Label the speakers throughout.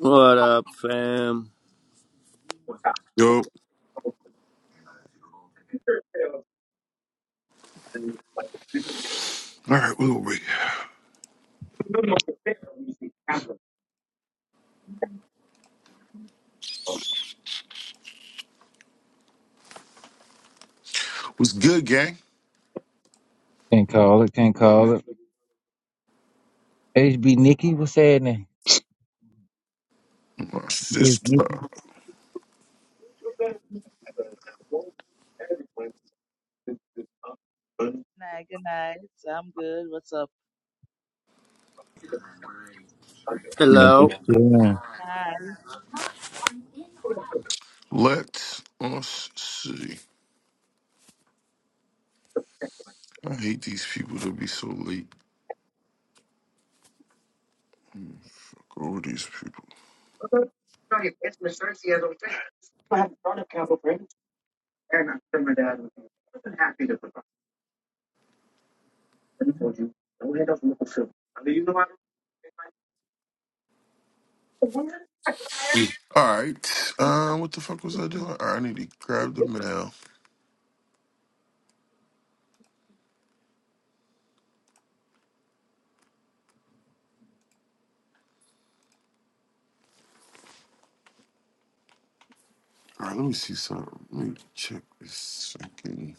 Speaker 1: What up, fam?
Speaker 2: Yo, all right, where were we? What's good, gang?
Speaker 3: Can't call it. Can't call it. HB Nikki, what's happening?
Speaker 2: My
Speaker 3: Just
Speaker 2: sister.
Speaker 4: night. Good night. I'm good. What's up?
Speaker 3: mentioned.
Speaker 1: Hello.
Speaker 3: Yeah.
Speaker 4: Hi.
Speaker 2: Let us see. I hate these people to be so late. Go with these people. All right. Um, what the fuck was I doing? All right, I need to grab the mail. All right, let me see something. Let me check this second.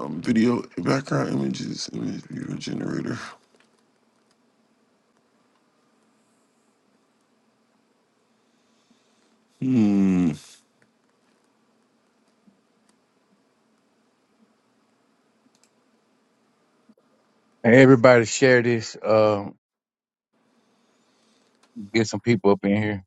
Speaker 2: Um, video background images, image viewer generator. Hmm.
Speaker 3: Everybody share this. Um, get some people up in here.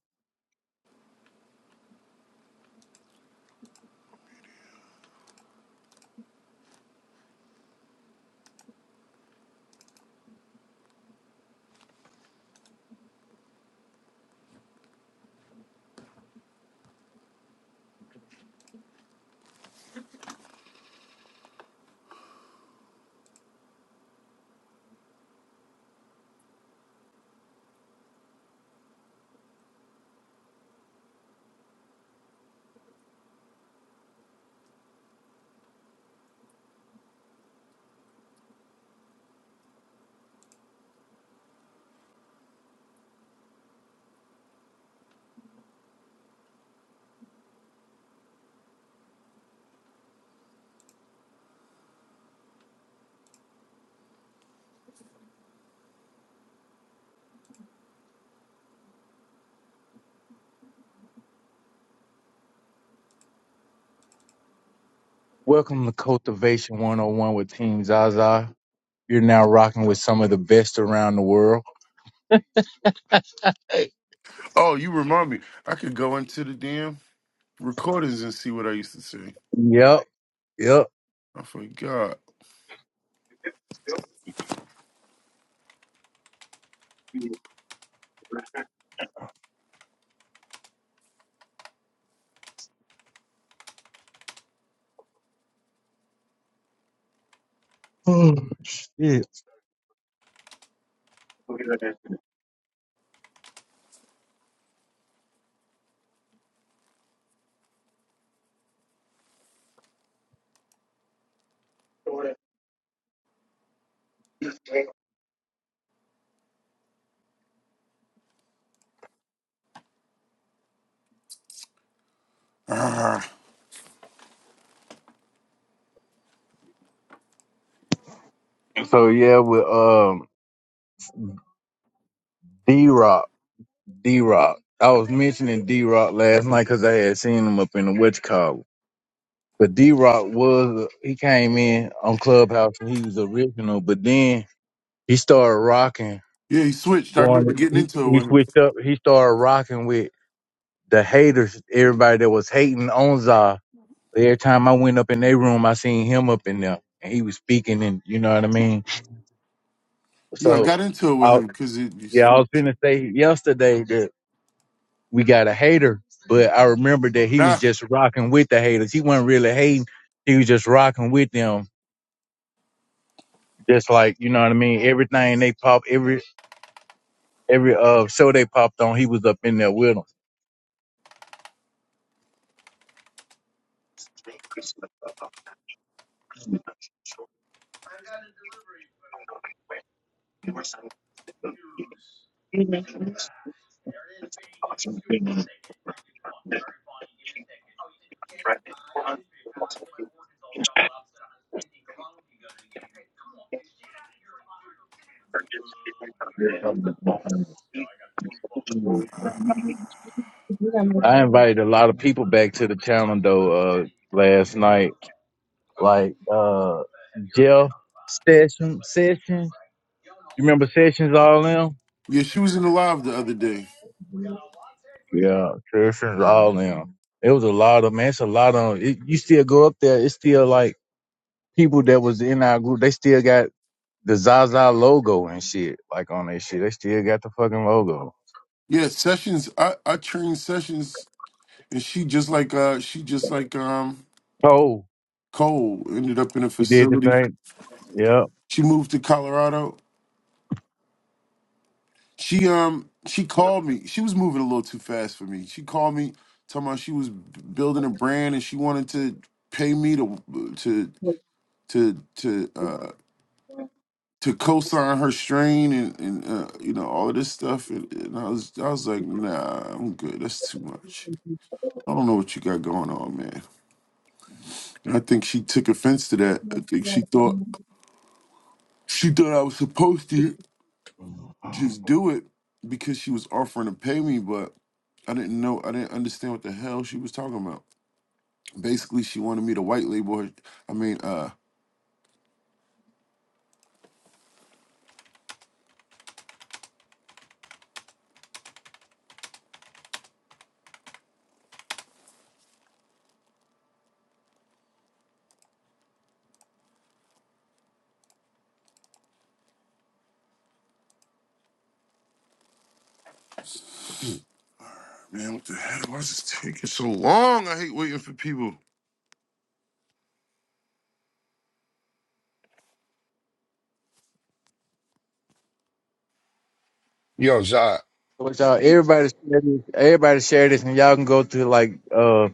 Speaker 3: Welcome to Cultivation 101 with Team Zaza. You're now rocking with some of the best around the world.
Speaker 2: Oh, you remind me. I could go into the damn recordings and see what I used to say.
Speaker 3: Yep. Yep.
Speaker 2: I forgot.
Speaker 3: Mm, yeah. So yeah, with um D Rock. D Rock. I was mentioning D Rock last night because I had seen him up in the witch But D Rock was he came in on Clubhouse and he was original, but then he started rocking,
Speaker 2: Yeah, he switched. I remember
Speaker 3: going
Speaker 2: getting
Speaker 3: he,
Speaker 2: into it
Speaker 3: he
Speaker 2: with him.
Speaker 3: switched up. He started rocking with the haters, everybody that was hating on Za. Every time I went up in their room, I seen him up in there, and he was speaking, and you know what I mean.
Speaker 2: Yeah, I
Speaker 3: So,
Speaker 2: got into it with
Speaker 3: I,
Speaker 2: him because he, he
Speaker 3: yeah, I was
Speaker 2: switched. it.
Speaker 3: gonna say yesterday that we got a hater, but I remember that he was
Speaker 2: Nah.
Speaker 3: just rocking with the haters. He wasn't really hating. He was just rocking with them Just like you know what I mean. Everything they pop, every every uh show they popped on, he was up in there with them. I invited a lot of people back to the channel though uh last night, like uh Jeff Session Sessions. You remember Sessions all them?
Speaker 2: Yeah, she was in the live the other day.
Speaker 3: Yeah, Sessions all them. It was a lot of man. It's a lot of it, you still go up there. It's still like people that was in our group. They still got the Zaza logo and shit like on their shit. They still got the fucking logo.
Speaker 2: Yeah, Sessions. I I trained Sessions, and she just like uh she just like um
Speaker 3: Oh,
Speaker 2: Cole ended up in a
Speaker 3: he did the
Speaker 2: facility.
Speaker 3: same. Yeah.
Speaker 2: She moved to Colorado. She um she called me. She was moving a little too fast for me. She called me talking about she was b- building a brand and she wanted to pay me to to to to uh to co-sign her strain and, and uh, you know all of this stuff and, and I was I was like nah I'm good that's too much I don't know what you got going on man and I think she took offense to that I think she thought she thought I was supposed to just do it because she was offering to pay me but I didn't know I didn't understand what the hell she was talking about basically she wanted me to white label her I mean uh man what the hell why is this taking so long I hate waiting for people
Speaker 5: Yo, Zot.
Speaker 3: Which y'all, everybody, share this- everybody share this, and y'all can go to like uh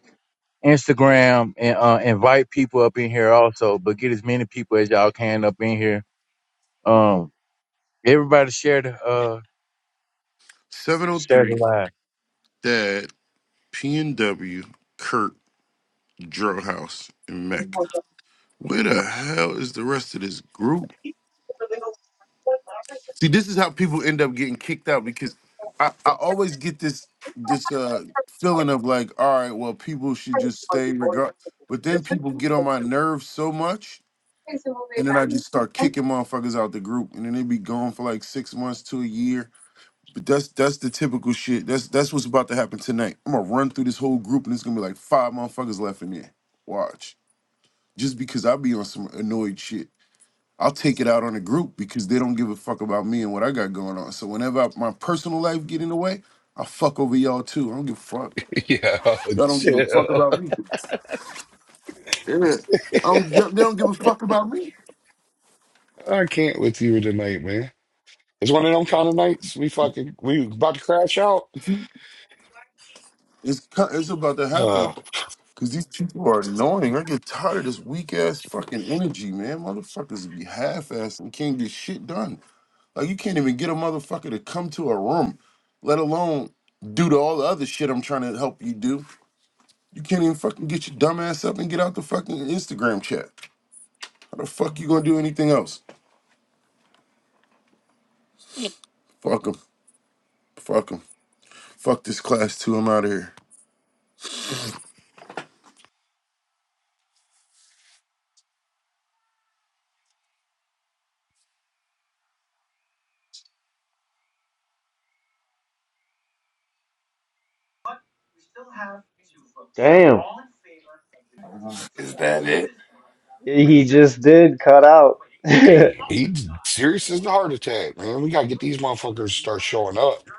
Speaker 3: Instagram and uh invite people up in here also. But get as many people as y'all can up in here. Um, everybody share the uh share the
Speaker 2: 703
Speaker 3: live.
Speaker 2: dad P&W Kurt Drill House in Mecca. Where the hell is the rest of this group? See, this is how people end up getting kicked out because I, I always get this this uh feeling of like, all right, well, people should just stay regard. But then people get on my nerves so much, and then I just start kicking motherfuckers out the group, and then they be gone for like six months to a year. But that's that's the typical shit. That's that's what's about to happen tonight. I'm gonna run through this whole group, and it's gonna be like five motherfuckers left in there. Watch. just because I be on some annoyed shit. I'll take it out on the group because they don't give a fuck about me and what I got going on. So whenever I, my personal life get in the way, I fuck over y'all too. I don't give a fuck.
Speaker 5: Yo,
Speaker 2: Y'all don't give a fuck
Speaker 5: chill.
Speaker 2: about me. Yeah. I don't, they don't give a fuck about me.
Speaker 5: I can't with you tonight, man. It's one of them kind of nights we fucking we about to crash out.
Speaker 2: It's co- it's about to
Speaker 5: Uh,
Speaker 2: happen because these people are annoying. I get tired of this weak ass fucking energy, man. Motherfuckers be half assed and can't get shit done. Like you can't even get a motherfucker to come to a room, let alone do to all the other shit I'm trying to help you do. You can't even fucking get your dumb ass up and get out the fucking Instagram chat. How the fuck you gonna do anything else? Fuck 'em. Fuck 'em. Fuck this class too. I'm out of here.
Speaker 1: Yeah. Damn.
Speaker 6: Is that it?
Speaker 1: He just did cut out.
Speaker 5: hey, he's serious as the heart attack, man. We gotta get these motherfuckers to start showing up.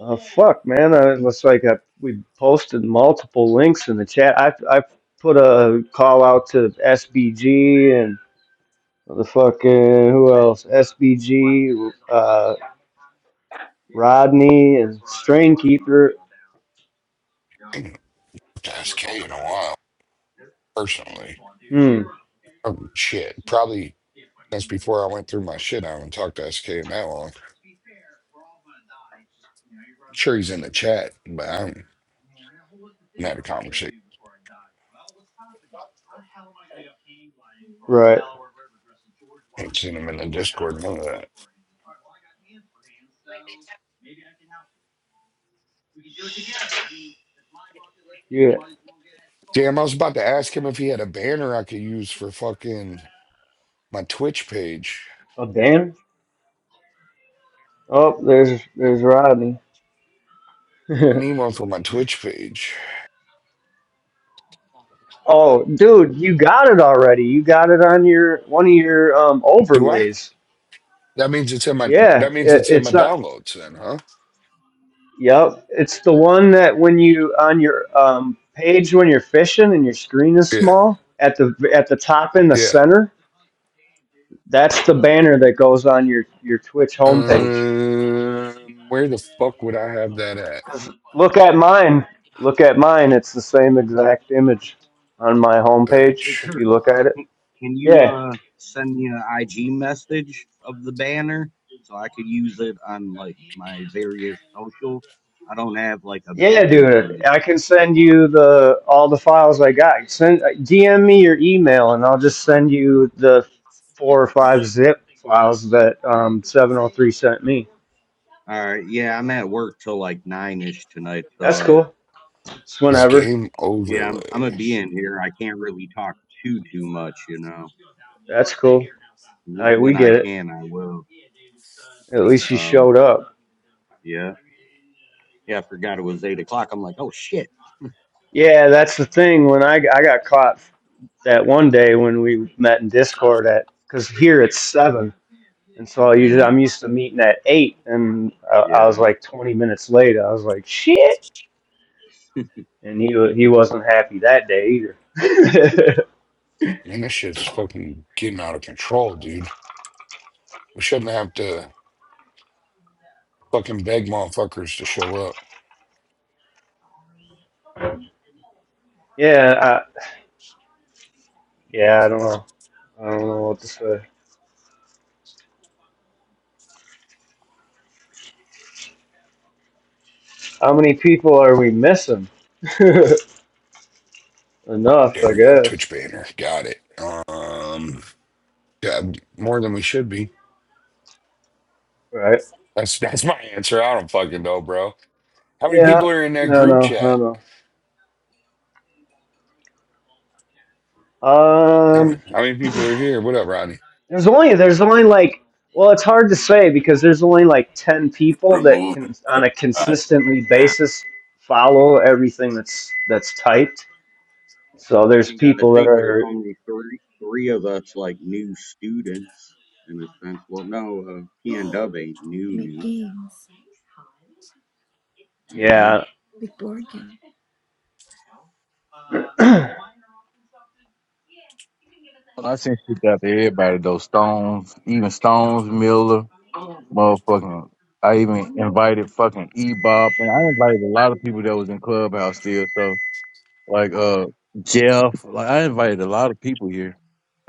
Speaker 1: Oh fuck, man! I- It looks like I, we posted multiple links in the chat. I I put a call out to SBG and the fucking who else? SBG. Uh, Rodney and Strain Keeper.
Speaker 5: Ain't no SK in a while, personally.
Speaker 1: Hmm.
Speaker 5: Oh, shit, probably since before I went through my shit. I haven't talked to SK in that long. sure he's in the chat, but I haven't had a conversation.
Speaker 1: Right.
Speaker 5: Ain't seen him in the Discord, none of that.
Speaker 1: Yeah.
Speaker 5: Damn, I was about to ask him if he had a banner I could use for fucking. my Twitch page.
Speaker 1: Oh damn. Oh, there's there's Rodney.
Speaker 5: I need one for my Twitch page.
Speaker 1: oh, dude, you got it already. You got it on your one of your um
Speaker 5: Do I?
Speaker 1: overlays.
Speaker 5: That means it's in my.
Speaker 1: Yeah,
Speaker 5: That means
Speaker 1: it,
Speaker 5: it's in my
Speaker 1: it's not.
Speaker 5: downloads, then, huh?
Speaker 1: Yep, it's the one that when you on your um, page when you're fishing and your screen is
Speaker 5: Yeah,
Speaker 1: small at the at the top in the
Speaker 5: yeah.
Speaker 1: center. That's the banner that goes on your your Twitch homepage.
Speaker 5: Um, where the fuck would I have that at?
Speaker 1: Look at mine. Look at mine. It's the same exact image on my homepage.
Speaker 7: Hey
Speaker 5: Search
Speaker 1: If
Speaker 7: Kurt,
Speaker 1: you look at it,
Speaker 7: can, can you
Speaker 1: yeah,
Speaker 7: uh send me an IG message of the banner so I could use it on like my various socials? I don't have like a
Speaker 1: Yeah, yeah,
Speaker 7: banner
Speaker 1: dude.
Speaker 7: image.
Speaker 1: I can send you the all the files I got. Send DM me your email, and I'll just send you the four or five zip files that um, 703 sent me.
Speaker 7: All right, yeah, I'm at work till like nine ish tonight, so
Speaker 1: That's
Speaker 7: uh,
Speaker 1: cool. It's
Speaker 5: this
Speaker 1: whenever.
Speaker 5: game
Speaker 7: yeah, I'm I'm gonna
Speaker 5: overlay.
Speaker 7: be in here. I can't really talk too too much, you know.
Speaker 1: That's cool. All
Speaker 7: W-
Speaker 1: right, we
Speaker 7: when
Speaker 1: get
Speaker 7: I
Speaker 1: it.
Speaker 7: can, I will.
Speaker 1: At least you
Speaker 7: Um,
Speaker 1: showed up.
Speaker 7: yeah, yeah, I forgot it was eight o'clock. I'm like, oh shit.
Speaker 1: Yeah, that's the thing. When I, I got caught that one day when we met in Discord at, because here it's seven, and so I usually
Speaker 7: Yeah,
Speaker 1: I'm used to meeting at eight, and I, I was
Speaker 7: yeah.
Speaker 1: like 20 minutes late. I was like, shit, and he wa- he wasn't happy that day either.
Speaker 5: Man, this shit's fucking getting out of control, dude. We shouldn't have to fucking beg motherfuckers to show up.
Speaker 1: yeah, I, yeah, I don't know. I don't know what to say. How many people are we missing? Enough,
Speaker 5: There
Speaker 1: I
Speaker 5: we go.
Speaker 1: guess.
Speaker 5: Twitch banner. Got it. Um, yeah, more than we should be.
Speaker 1: Right?
Speaker 5: That's that's my answer. I don't fucking know, bro. How many
Speaker 1: Yeah.
Speaker 5: people are in that
Speaker 1: No,
Speaker 5: group
Speaker 1: no, I
Speaker 5: chat?
Speaker 1: don't know.
Speaker 5: How many
Speaker 1: Um,
Speaker 5: how many people are here? What up, Rodney?
Speaker 1: there's only there's only like well, it's hard to say because there's only like ten people that
Speaker 6: Removing
Speaker 1: can on a
Speaker 6: body
Speaker 1: consistently
Speaker 6: now.
Speaker 1: basis follow everything that's that's typed. So there's
Speaker 7: And got to
Speaker 1: people that
Speaker 7: think there's
Speaker 1: are
Speaker 7: only three three of us like new students in a sense. Well, no, uh, P and
Speaker 8: to
Speaker 7: Dub ain't new,
Speaker 8: make
Speaker 7: new.
Speaker 8: games
Speaker 7: You know,
Speaker 1: yeah
Speaker 8: like board games.
Speaker 3: I sent shit out to everybody though. Stones, even Stones Miller, motherfucking. I even invited fucking E Bob, and I invited a lot of people that was in Clubhouse still. So like uh Jeff, like I invited a lot of people here.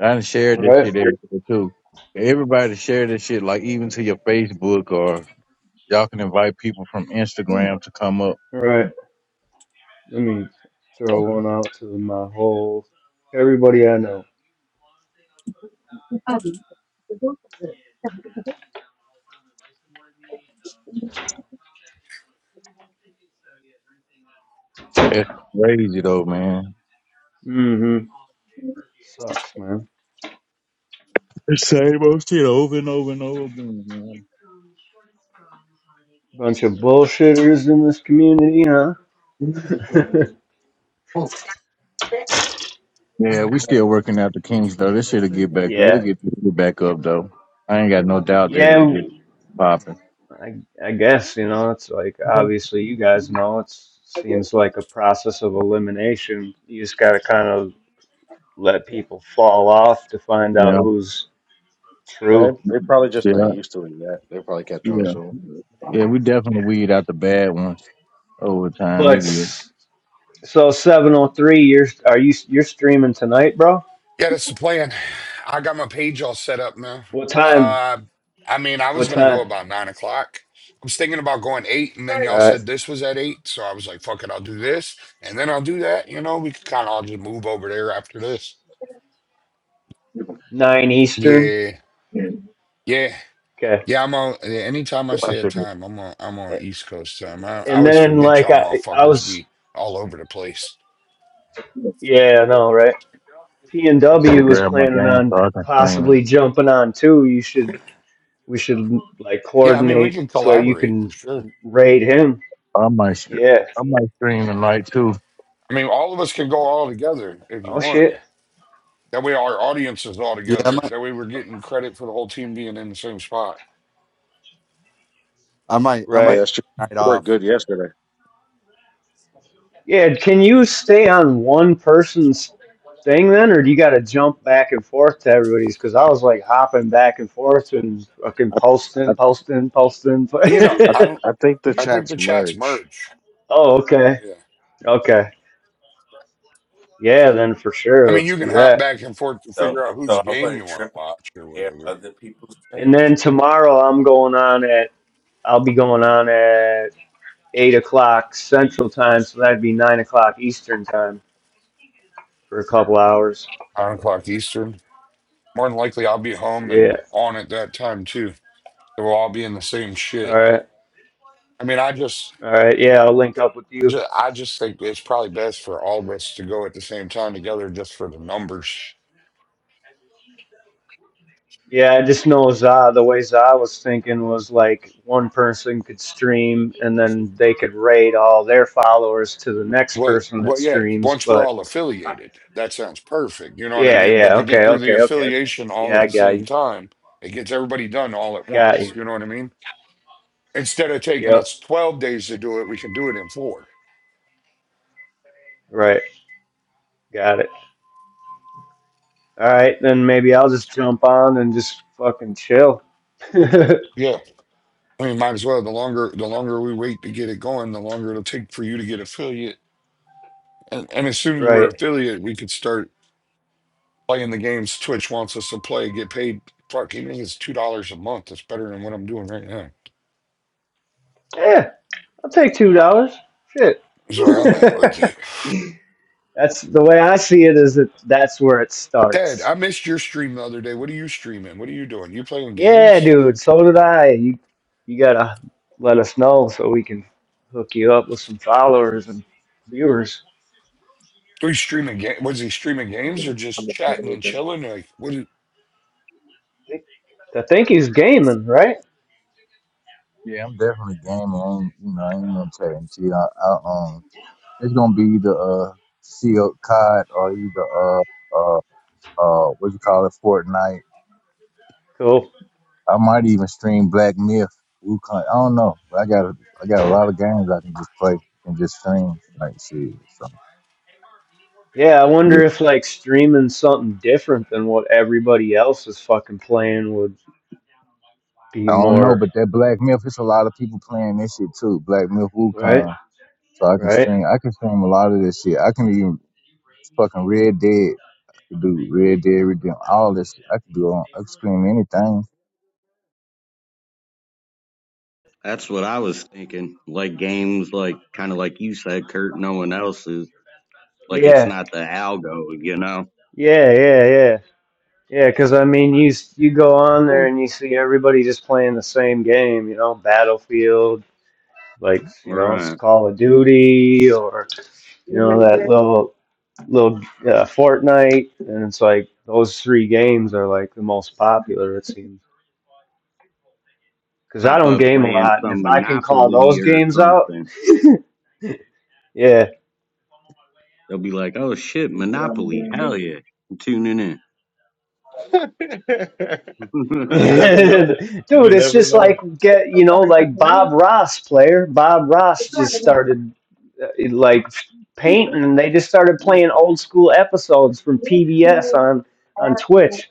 Speaker 3: I done shared this
Speaker 1: right
Speaker 3: shit everywhere too. Everybody share this shit, like even to your Facebook or y'all can invite people from Instagram to come up.
Speaker 1: right Let me throw one out to my whole everybody I know.
Speaker 3: That's crazy though, man.
Speaker 1: Mm-hmm. Sucks, man.
Speaker 3: The same old shit over and over and over again, man.
Speaker 1: Bunch of bullshitters in this community, huh?
Speaker 3: Yeah, we still working out the kinks though. This shit'll get back. We'll
Speaker 1: yeah.
Speaker 3: get this shit back up though. I ain't got no doubt that it'll
Speaker 1: Yeah.
Speaker 3: get popping.
Speaker 1: I I guess you know it's like obviously you guys know it seems like a process of elimination. You just got to kind of let people fall off to find out
Speaker 3: Yeah,
Speaker 1: who's
Speaker 9: They
Speaker 1: true.
Speaker 9: they're probably just not
Speaker 3: yeah,
Speaker 9: used to it yet. They probably catch on
Speaker 3: yeah,
Speaker 9: soon.
Speaker 3: yeah. We definitely weed out the bad ones over time.
Speaker 1: But
Speaker 3: We get.
Speaker 1: so 703 you're are you you're streaming tonight, bro?
Speaker 5: Yeah, that's the plan. I got my page all set up now.
Speaker 1: What time?
Speaker 5: Uh, I mean, I
Speaker 1: What
Speaker 5: was gonna go
Speaker 1: time?
Speaker 5: about nine o'clock. I was thinking about going eight, and then
Speaker 1: All
Speaker 5: y'all
Speaker 1: right.
Speaker 5: said this was at eight, so I was like, "Fuck it, I'll do this, and then I'll do that." You know, we could kind of all just move over there after this.
Speaker 1: 9 Eastern.
Speaker 5: Yeah, yeah,
Speaker 1: Okay.
Speaker 5: yeah. I'm on. yeah, Anytime I
Speaker 3: I
Speaker 5: say a
Speaker 3: should
Speaker 5: time, I'm on. I'm on East Coast time. I, I
Speaker 1: And
Speaker 5: always
Speaker 1: then
Speaker 5: forget
Speaker 1: like
Speaker 5: y'all
Speaker 1: I I
Speaker 5: motherfuckers
Speaker 1: was
Speaker 5: be all over the place.
Speaker 1: yeah, I know, right?
Speaker 3: I should
Speaker 1: P&W
Speaker 3: have
Speaker 1: was
Speaker 3: grabbed my
Speaker 1: planning
Speaker 3: game
Speaker 1: on
Speaker 3: so I can stream.
Speaker 1: possibly jumping on too. You should We should like
Speaker 5: Yeah, I mean, we
Speaker 1: coordinate
Speaker 5: can
Speaker 1: so you
Speaker 5: collaborate for
Speaker 1: can
Speaker 5: sure.
Speaker 1: raid him.
Speaker 3: I might, str-
Speaker 1: Yeah.
Speaker 3: I might stream tonight too.
Speaker 5: I mean, all of us can go all together if you
Speaker 1: Oh
Speaker 5: want.
Speaker 1: shit.
Speaker 5: That way, our audience is all
Speaker 8: Yeah, I
Speaker 5: together.
Speaker 8: might,
Speaker 5: That way, we're getting credit for the whole team being in the same spot.
Speaker 8: I might, I
Speaker 9: Yeah,
Speaker 8: might
Speaker 1: Right.
Speaker 9: that's true.
Speaker 8: take
Speaker 9: It
Speaker 8: the night
Speaker 9: worked
Speaker 8: off.
Speaker 9: good yesterday.
Speaker 1: Yeah. Can you stay on one person's thing then, or do you got to jump back and forth to everybody's? Because I was like hopping back and forth and fucking
Speaker 9: I I
Speaker 1: posting, posting, posting.
Speaker 5: And, you know,
Speaker 9: I,
Speaker 5: I don't.
Speaker 9: I think the
Speaker 5: I think
Speaker 9: chats
Speaker 5: the chats
Speaker 9: merge.
Speaker 5: merge.
Speaker 1: oh, okay.
Speaker 5: Yeah.
Speaker 1: Okay. Yeah. Then for
Speaker 5: I
Speaker 1: sure,
Speaker 5: mean,
Speaker 1: let's
Speaker 5: you can
Speaker 1: do
Speaker 5: hop
Speaker 1: that.
Speaker 5: back and forth to
Speaker 6: So
Speaker 5: figure out whose
Speaker 6: so I
Speaker 5: game you
Speaker 6: wasn't
Speaker 5: want to
Speaker 6: tripping
Speaker 5: watch or
Speaker 6: to hear
Speaker 5: whatever.
Speaker 6: other people's
Speaker 1: And
Speaker 6: chat.
Speaker 1: then tomorrow I'm going on at. I'll be going on at. eight o'clock Central Time, so that'd be nine o'clock Eastern Time for a couple hours.
Speaker 5: Nine o'clock Eastern. More than likely, I'll be home
Speaker 1: Yeah.
Speaker 5: and on at that time too. So we'll all be in the same
Speaker 1: All
Speaker 5: shit.
Speaker 1: right.
Speaker 5: I mean, I just,
Speaker 1: All right. Yeah, I'll link up with
Speaker 5: I
Speaker 1: you.
Speaker 5: just, I just think it's probably best for all of us to go at the same time together, just for the numbers.
Speaker 1: Yeah, I just know Za. The way Za was thinking was like one person could stream and then they could rate all their followers to the next
Speaker 5: Well,
Speaker 1: person that
Speaker 5: well, yeah.
Speaker 1: streams.
Speaker 5: Once we're
Speaker 1: But
Speaker 5: all
Speaker 1: uh,
Speaker 5: affiliated, that sounds perfect. You know what I
Speaker 1: yeah,
Speaker 5: mean?
Speaker 1: yeah,
Speaker 5: But to get
Speaker 1: okay,
Speaker 5: through the
Speaker 1: okay, okay, okay.
Speaker 5: affiliation all
Speaker 1: Yeah,
Speaker 5: at
Speaker 1: I
Speaker 5: the
Speaker 1: got
Speaker 5: same
Speaker 1: you.
Speaker 5: time, it gets everybody done all at
Speaker 1: Got
Speaker 5: once.
Speaker 1: you.
Speaker 5: You know what I mean? Instead of taking
Speaker 1: Yep,
Speaker 5: us 12 days to do it, we can do it in four.
Speaker 1: right. Got it. All right, then maybe I'll just jump on and just fucking chill.
Speaker 5: Yeah. I mean, might as well. The longer, the longer we wait to get it going, the longer it'll take for you to get affiliate. And, and as soon as we're
Speaker 1: right.
Speaker 5: affiliate, we could start playing the games Twitch wants us to play, get paid. Fuck, even if it's $2 a month, that's better than what I'm doing right now.
Speaker 1: Yeah, I'll take $2. Shit.
Speaker 5: That's where I'm at with it.
Speaker 1: that's the way I see it is that that's where it
Speaker 5: Ted,
Speaker 1: starts.
Speaker 5: I missed your stream the other day. What are you streaming? What are you doing? You playing
Speaker 1: Yeah,
Speaker 5: games?
Speaker 1: dude. So did I. You you gotta let us know so we can hook you up with some followers and viewers.
Speaker 5: Are you streaming game? Was he streaming games or
Speaker 9: I'm
Speaker 5: just chatting and
Speaker 9: looking
Speaker 5: chilling? Like, what, did-
Speaker 1: I think he's gaming, right?
Speaker 3: Yeah, I'm definitely gaming. I ain't, you know, I ain't gonna tell them to you. T. I, I, um, it's gonna be the uh, CO COD or either uh, uh, uh, what you call it, Fortnite.
Speaker 1: Cool.
Speaker 3: I might even stream Black Myth. Wukong. I don't know, but I got, a- I got a lot of games I can just play and just stream. Like shit, so.
Speaker 1: Yeah, I
Speaker 3: yeah.
Speaker 1: wonder if like streaming something different than what everybody else is fucking playing would be
Speaker 3: I don't know,
Speaker 1: more
Speaker 3: but that Black Myth, it's a lot of people playing this shit too. Black Myth
Speaker 1: right,
Speaker 3: Wukong. So I can
Speaker 1: right?
Speaker 3: stream, I can stream a lot of this shit. I can even fucking Red Dead. could do Red Dead Redemption, all this shit. I could do on, I could scream anything.
Speaker 7: that's what I was thinking. Like games, like kind of like you said, Kurt. No one else is like it's
Speaker 1: Yeah,
Speaker 7: not the algo. You know,
Speaker 1: yeah, yeah, yeah, yeah. Because I mean, you s- you go on there and you see everybody just playing the same game, you know, Battlefield, like you know, it's
Speaker 7: right?
Speaker 1: Call of Duty, or you know that little little uh, Fortnite, and it's like those three games are like the most popular it seems. Because I
Speaker 7: pop
Speaker 1: don't
Speaker 7: up
Speaker 1: game a
Speaker 7: playing
Speaker 1: lot, and
Speaker 7: some
Speaker 1: if I can call
Speaker 7: Monopoly
Speaker 1: those
Speaker 7: or
Speaker 1: games out,
Speaker 7: something.
Speaker 1: yeah,
Speaker 7: They'll be like, oh shit, Monopoly, hell yeah, I'm tuning in.
Speaker 9: at everything. you never know.
Speaker 1: Dude,
Speaker 9: You
Speaker 1: it's
Speaker 9: never
Speaker 1: just
Speaker 9: know.
Speaker 1: like get you know like Bob Ross player. Bob Ross just started uh, like painting, and they just started
Speaker 7: yeah,
Speaker 1: playing old school episodes from PBS on on Twitch.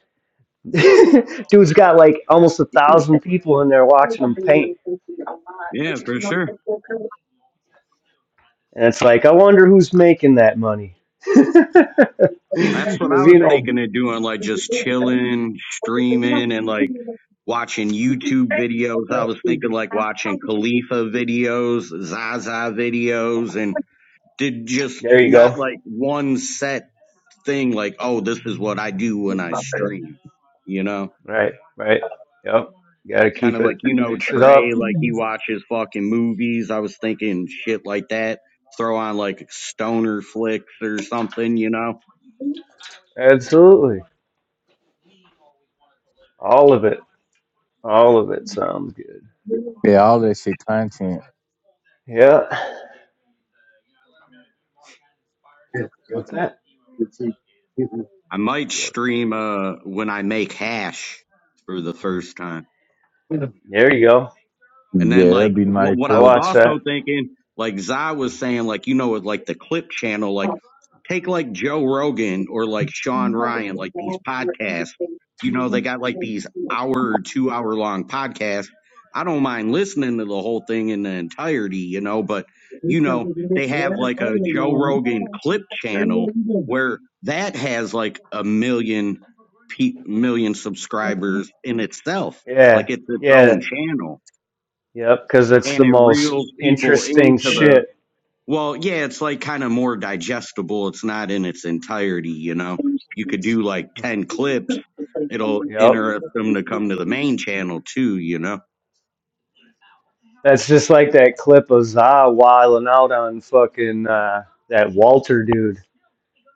Speaker 1: Dude's got like almost a thousand people in there watching him paint,
Speaker 7: yeah, for sure.
Speaker 1: and it's like I wonder who's making that money.
Speaker 7: That's what I
Speaker 1: Because you
Speaker 7: was
Speaker 1: know,
Speaker 7: thinking of doing, like just chilling, streaming, and like watching YouTube videos. I was thinking like watching Khalifa videos, Zaza videos, and did just
Speaker 1: there you go.
Speaker 7: not like one set thing, like, oh, this is what I do when I stream, you know?
Speaker 1: Right, right. Yep. Got to
Speaker 7: Kind
Speaker 1: keep
Speaker 7: of like,
Speaker 1: it,
Speaker 7: you know,
Speaker 1: mix it up.
Speaker 7: Trey, like he watches fucking movies. I was thinking shit like that. Throw on like stoner flicks or something, you know?
Speaker 1: Absolutely. All of it. All of it sounds good.
Speaker 3: Yeah, all that shit content.
Speaker 1: Yeah. What's that?
Speaker 7: I might
Speaker 1: Work.
Speaker 7: stream uh when I make hash for the first time.
Speaker 1: There you go.
Speaker 7: And then
Speaker 3: Yeah, that'd
Speaker 7: like
Speaker 3: be
Speaker 7: what
Speaker 3: nice
Speaker 7: what
Speaker 1: I
Speaker 7: I was
Speaker 3: too.
Speaker 1: watch that.
Speaker 7: also thinking, like Zai was saying, like you know, with like the clip channel, like take like Joe Rogan or like
Speaker 3: We
Speaker 7: Sean Ryan, like these podcasts. You know, they got like these hour, two hour long podcasts. I don't mind listening to the whole thing in the entirety, you know, but you know, they have like a Joe Rogan clip channel
Speaker 3: well
Speaker 7: where that has like a million pe- million subscribers in itself. Like
Speaker 1: Yeah.
Speaker 7: it's its
Speaker 1: Yeah.
Speaker 7: own channel
Speaker 1: Yep. Because it's the
Speaker 7: and it
Speaker 1: most
Speaker 7: reels people
Speaker 1: interesting
Speaker 7: into the
Speaker 1: shit.
Speaker 7: well yeah it's like kind of more digestible it's not in its entirety you know you could do like 10 clips it'll
Speaker 1: Yep.
Speaker 7: interest them to come to the main channel too you know
Speaker 1: That's just like that clip of Za wilding out on fucking uh, that Walter dude.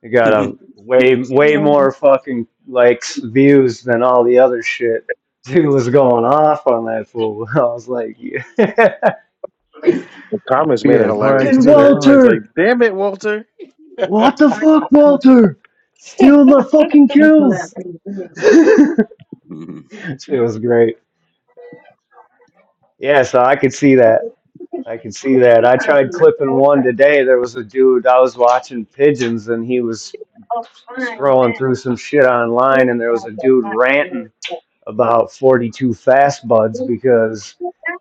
Speaker 1: It got a way way more fucking likes views than all the other shit. Dude was going off on that fool. I was like, yeah.
Speaker 9: The comments
Speaker 3: You
Speaker 9: made it
Speaker 3: had a car
Speaker 9: hilarious
Speaker 1: fucking
Speaker 9: too.
Speaker 3: accident or
Speaker 9: Everybody's like,
Speaker 1: Walter,
Speaker 9: "Damn it, Walter!"
Speaker 1: what the fuck, Walter? Steal my fucking kills. it
Speaker 7: yeah
Speaker 1: was great. Yeah, so I could see that. I could see that. I tried clipping one today. There was a dude I was watching pigeons, and he was scrolling through some shit online and there was a dude ranting about 42 fast buds because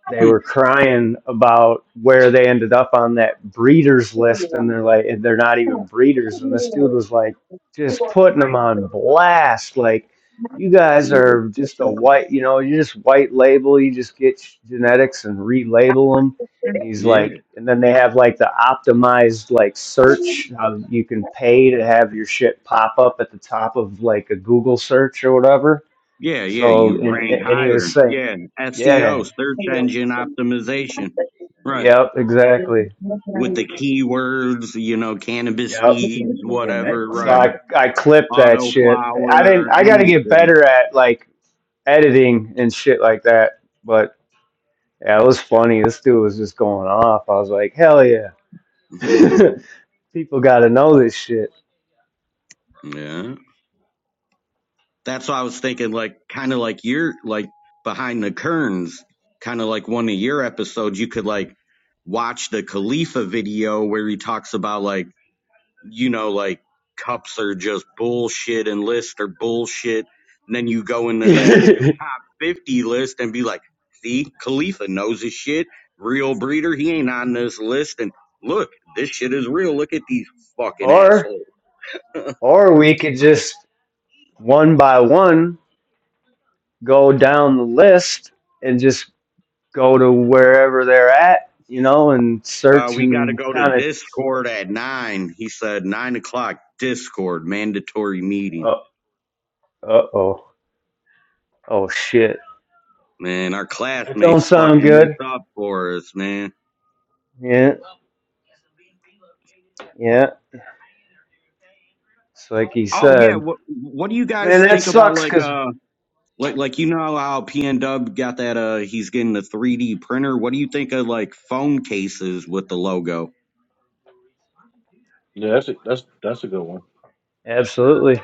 Speaker 1: they were crying about where they ended up on that breeders list and
Speaker 3: something?
Speaker 1: they're like and they're not
Speaker 3: Thank
Speaker 1: even breeders and this dude was like just putting them on blast like you guys are just a white you know you just white label you just get genetics and relabel them and he's like and then they have like the optimized like search how you can pay to have your shit pop up at the top of like a google search or whatever
Speaker 7: yeah yeah
Speaker 1: so
Speaker 7: you
Speaker 1: and
Speaker 7: rank
Speaker 1: and he was
Speaker 7: higher
Speaker 1: saying
Speaker 7: yeah
Speaker 1: yeah
Speaker 7: seo search engine optimization right
Speaker 1: Yep, exactly.
Speaker 7: with the
Speaker 3: you.
Speaker 7: keywords you know cannabis
Speaker 1: Yep.
Speaker 7: seeds whatever
Speaker 1: So
Speaker 7: right
Speaker 1: I I clipped that
Speaker 7: auto
Speaker 1: shit. I didn't.
Speaker 7: flower
Speaker 1: I got to get
Speaker 7: anything
Speaker 1: better at like editing and shit like that. But yeah, it was funny. This dude was just going off. I was like, hell yeah. People got to know this shit.
Speaker 7: yeah That's why I was thinking, like, kind of like your, like, behind the Kerns, kind of like one of your episodes, you could, like, watch the Khalifa video where he talks about, like, you know, like, cups are just bullshit and lists are bullshit. And then you go into that top 50 list and be like, see, Khalifa knows his shit. Real breeder, he ain't on this list. And look, this shit is real. Look at these fucking
Speaker 1: or
Speaker 7: assholes.
Speaker 1: or we could just one by one go down the list and just go to wherever they're at, you know, and
Speaker 7: Uh,
Speaker 1: search
Speaker 7: we got to
Speaker 1: and
Speaker 7: go to
Speaker 1: kind
Speaker 7: Discord at nine. He said nine o'clock Discord mandatory meeting.
Speaker 1: of. Uh oh. Oh shit.
Speaker 7: Man, our
Speaker 1: That don't
Speaker 7: classmates
Speaker 1: sound
Speaker 7: fucking this
Speaker 1: good.
Speaker 7: up for us, man.
Speaker 1: Yeah. Yeah. It's like he
Speaker 7: Oh yeah,
Speaker 1: said.
Speaker 7: what what do you
Speaker 1: Man,
Speaker 7: guys
Speaker 1: that
Speaker 7: think about
Speaker 1: sucks.
Speaker 7: like
Speaker 1: Cause
Speaker 7: uh like like you know how PNW got that uh he's getting the 3D printer. What do you think of like phone cases with the logo?
Speaker 9: Yeah, that's a, that's that's a good one.
Speaker 1: absolutely.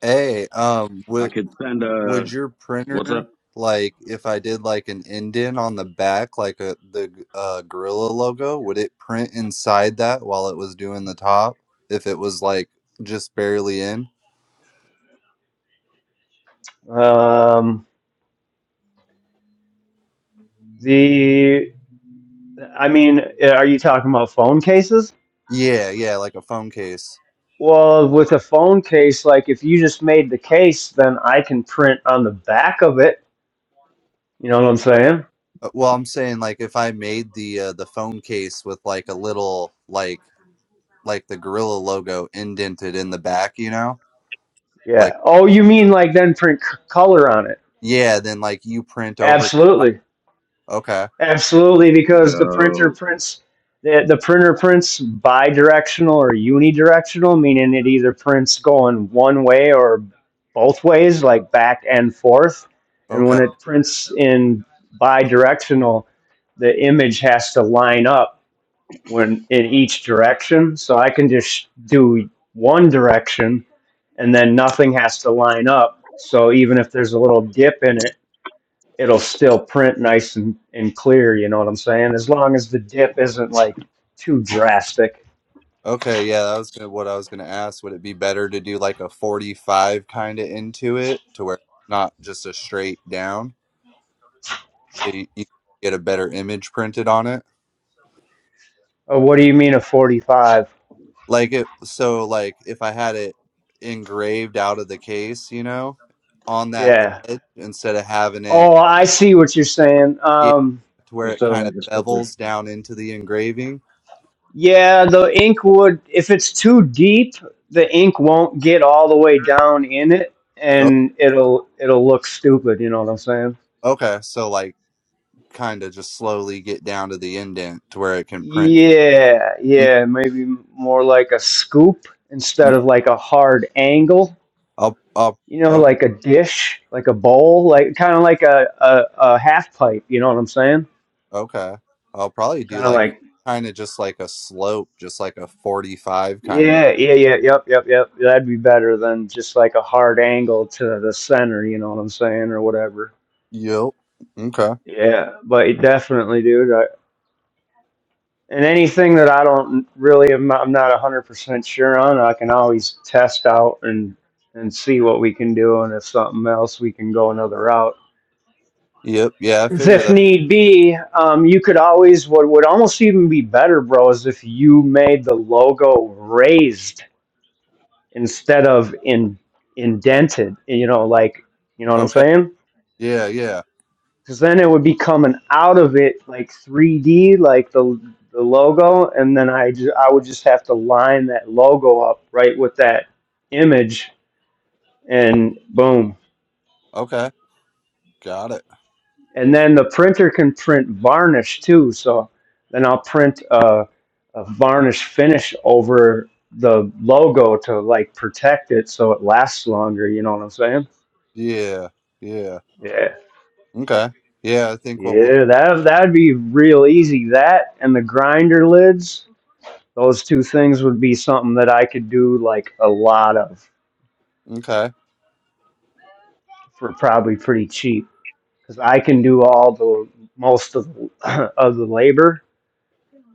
Speaker 8: Hey, um,
Speaker 7: I
Speaker 8: would
Speaker 7: could send
Speaker 8: would
Speaker 7: a
Speaker 8: your
Speaker 7: what's up?
Speaker 8: printer like if I did like an indent on the back, like a the uh, gorilla logo, would it print inside that while it was doing the top? If it was like just barely in?
Speaker 1: Um. The. I mean, are you talking about phone cases?
Speaker 8: Yeah, yeah, like a phone case.
Speaker 1: Well, with a phone case, like if you just made the case, then I can print on the back of it. You know what I'm saying?
Speaker 8: Uh, Well, I'm saying like if I made the uh, the phone case with like a little like like the gorilla logo indented in the back, you know? like.
Speaker 1: Yeah. Oh, you mean like then print c- color on it?
Speaker 8: Yeah, then like you print over.
Speaker 1: Absolutely,
Speaker 8: Okay,
Speaker 1: absolutely, because the printer
Speaker 7: Dope.
Speaker 1: prints the, the printer prints bidirectional or unidirectional, meaning it either prints going one way or both ways, like back and forth. And when
Speaker 8: okay,
Speaker 1: it prints in bidirectional, the image has to line up when in each direction. So I can just do one direction and then nothing has to line up. So even if there's a little dip in it, it'll still print nice and, and clear, you know what I'm saying? As long as the dip isn't like too drastic.
Speaker 8: okay. Yeah, that was gonna, what I was gonna ask. Would it be better to do like a 45 kind of into it to where it's not just a straight down? So you, you get a better image printed on it.
Speaker 1: Oh, what do you mean a 45?
Speaker 8: Like it, so like if I had it engraved out of the case, you know, on that
Speaker 1: Yeah.
Speaker 8: edge instead of having it,
Speaker 1: Oh, I see what you're saying.
Speaker 8: yeah,
Speaker 1: Um,
Speaker 8: to where it
Speaker 9: Instead of
Speaker 8: kind
Speaker 9: like
Speaker 8: of
Speaker 9: a sticker.
Speaker 8: bevels down into the engraving.
Speaker 1: Yeah, the ink would, if it's too deep, the ink won't get all the way down in it
Speaker 8: O-
Speaker 1: and it'll it'll look stupid, you know what I'm saying?
Speaker 8: Okay, so like. kind of just slowly get down to the indent to where it can print.
Speaker 1: Yeah, yeah, maybe more like a scoop instead
Speaker 8: Okay.
Speaker 1: of like a hard angle,
Speaker 8: I'll, I'll,
Speaker 1: you know,
Speaker 8: o-
Speaker 1: like a dish, like a bowl, like kind of like a, a a half pipe, you know what I'm saying?
Speaker 8: okay. I'll probably do
Speaker 1: Kind of
Speaker 8: like
Speaker 1: like
Speaker 8: kind of just like a slope, just like a 45 kind of.
Speaker 1: yeah, yeah, yeah, yep, yep, yep. That'd be better than just like a hard angle to the center, you know what I'm saying, or whatever.
Speaker 8: Yep. Okay.
Speaker 1: Yeah, but it definitely, dude. I, and anything that I don't really, am, I'm not 100% sure on, I can always test out and and see what we can do. And if something else, we can go another route.
Speaker 8: Yep. Yeah, I
Speaker 1: 'Cause
Speaker 8: figure
Speaker 1: if
Speaker 8: that.
Speaker 1: need be, um, you could always, what would almost even be better, bro, is if you made the logo raised instead of in indented, you know, like, you know what I'm
Speaker 8: Okay.
Speaker 1: saying?
Speaker 8: Yeah, yeah.
Speaker 1: because then it would be coming out of it like 3D, like the the logo, and then I ju- I would just have to line that logo up right with that image, and boom.
Speaker 8: Okay. Got it.
Speaker 1: And then the printer can print varnish too. So then I'll print a, a varnish finish over the logo to like protect it so it lasts longer. You know what I'm saying?
Speaker 8: Yeah. Yeah.
Speaker 1: Yeah.
Speaker 8: Okay. Yeah, I think what we'll
Speaker 1: Yeah, that that'd be real easy. That and the grinder lids. Those two things would be something that I could do like a lot of
Speaker 8: Okay.
Speaker 1: for probably pretty cheap because I can do all the most of the, of the labor,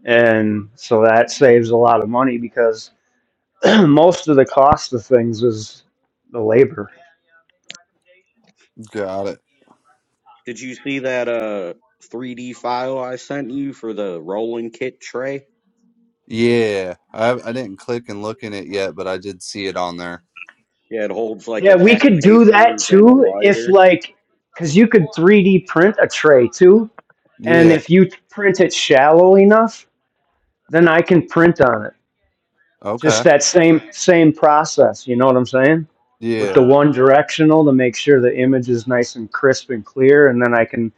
Speaker 1: and so that saves a lot of money because most of the cost of things is the labor.
Speaker 8: Got it.
Speaker 7: Did you see that uh 3D file I sent you for the rolling kit tray?
Speaker 8: Yeah. I I didn't click and look in it yet, but I did see it on there.
Speaker 7: Yeah, it holds like
Speaker 1: Yeah,
Speaker 7: a
Speaker 1: we
Speaker 7: pack of
Speaker 1: could do that
Speaker 7: papers and a
Speaker 1: too if
Speaker 7: lighter.
Speaker 1: like because you could 3D print a tray too, and
Speaker 8: Yeah.
Speaker 1: if you print it shallow enough, then I can print on it. just
Speaker 8: Okay.
Speaker 1: that same same process you know what i'm saying with the
Speaker 8: Yeah.
Speaker 1: one directional to make sure the image is nice and crisp and clear and then i can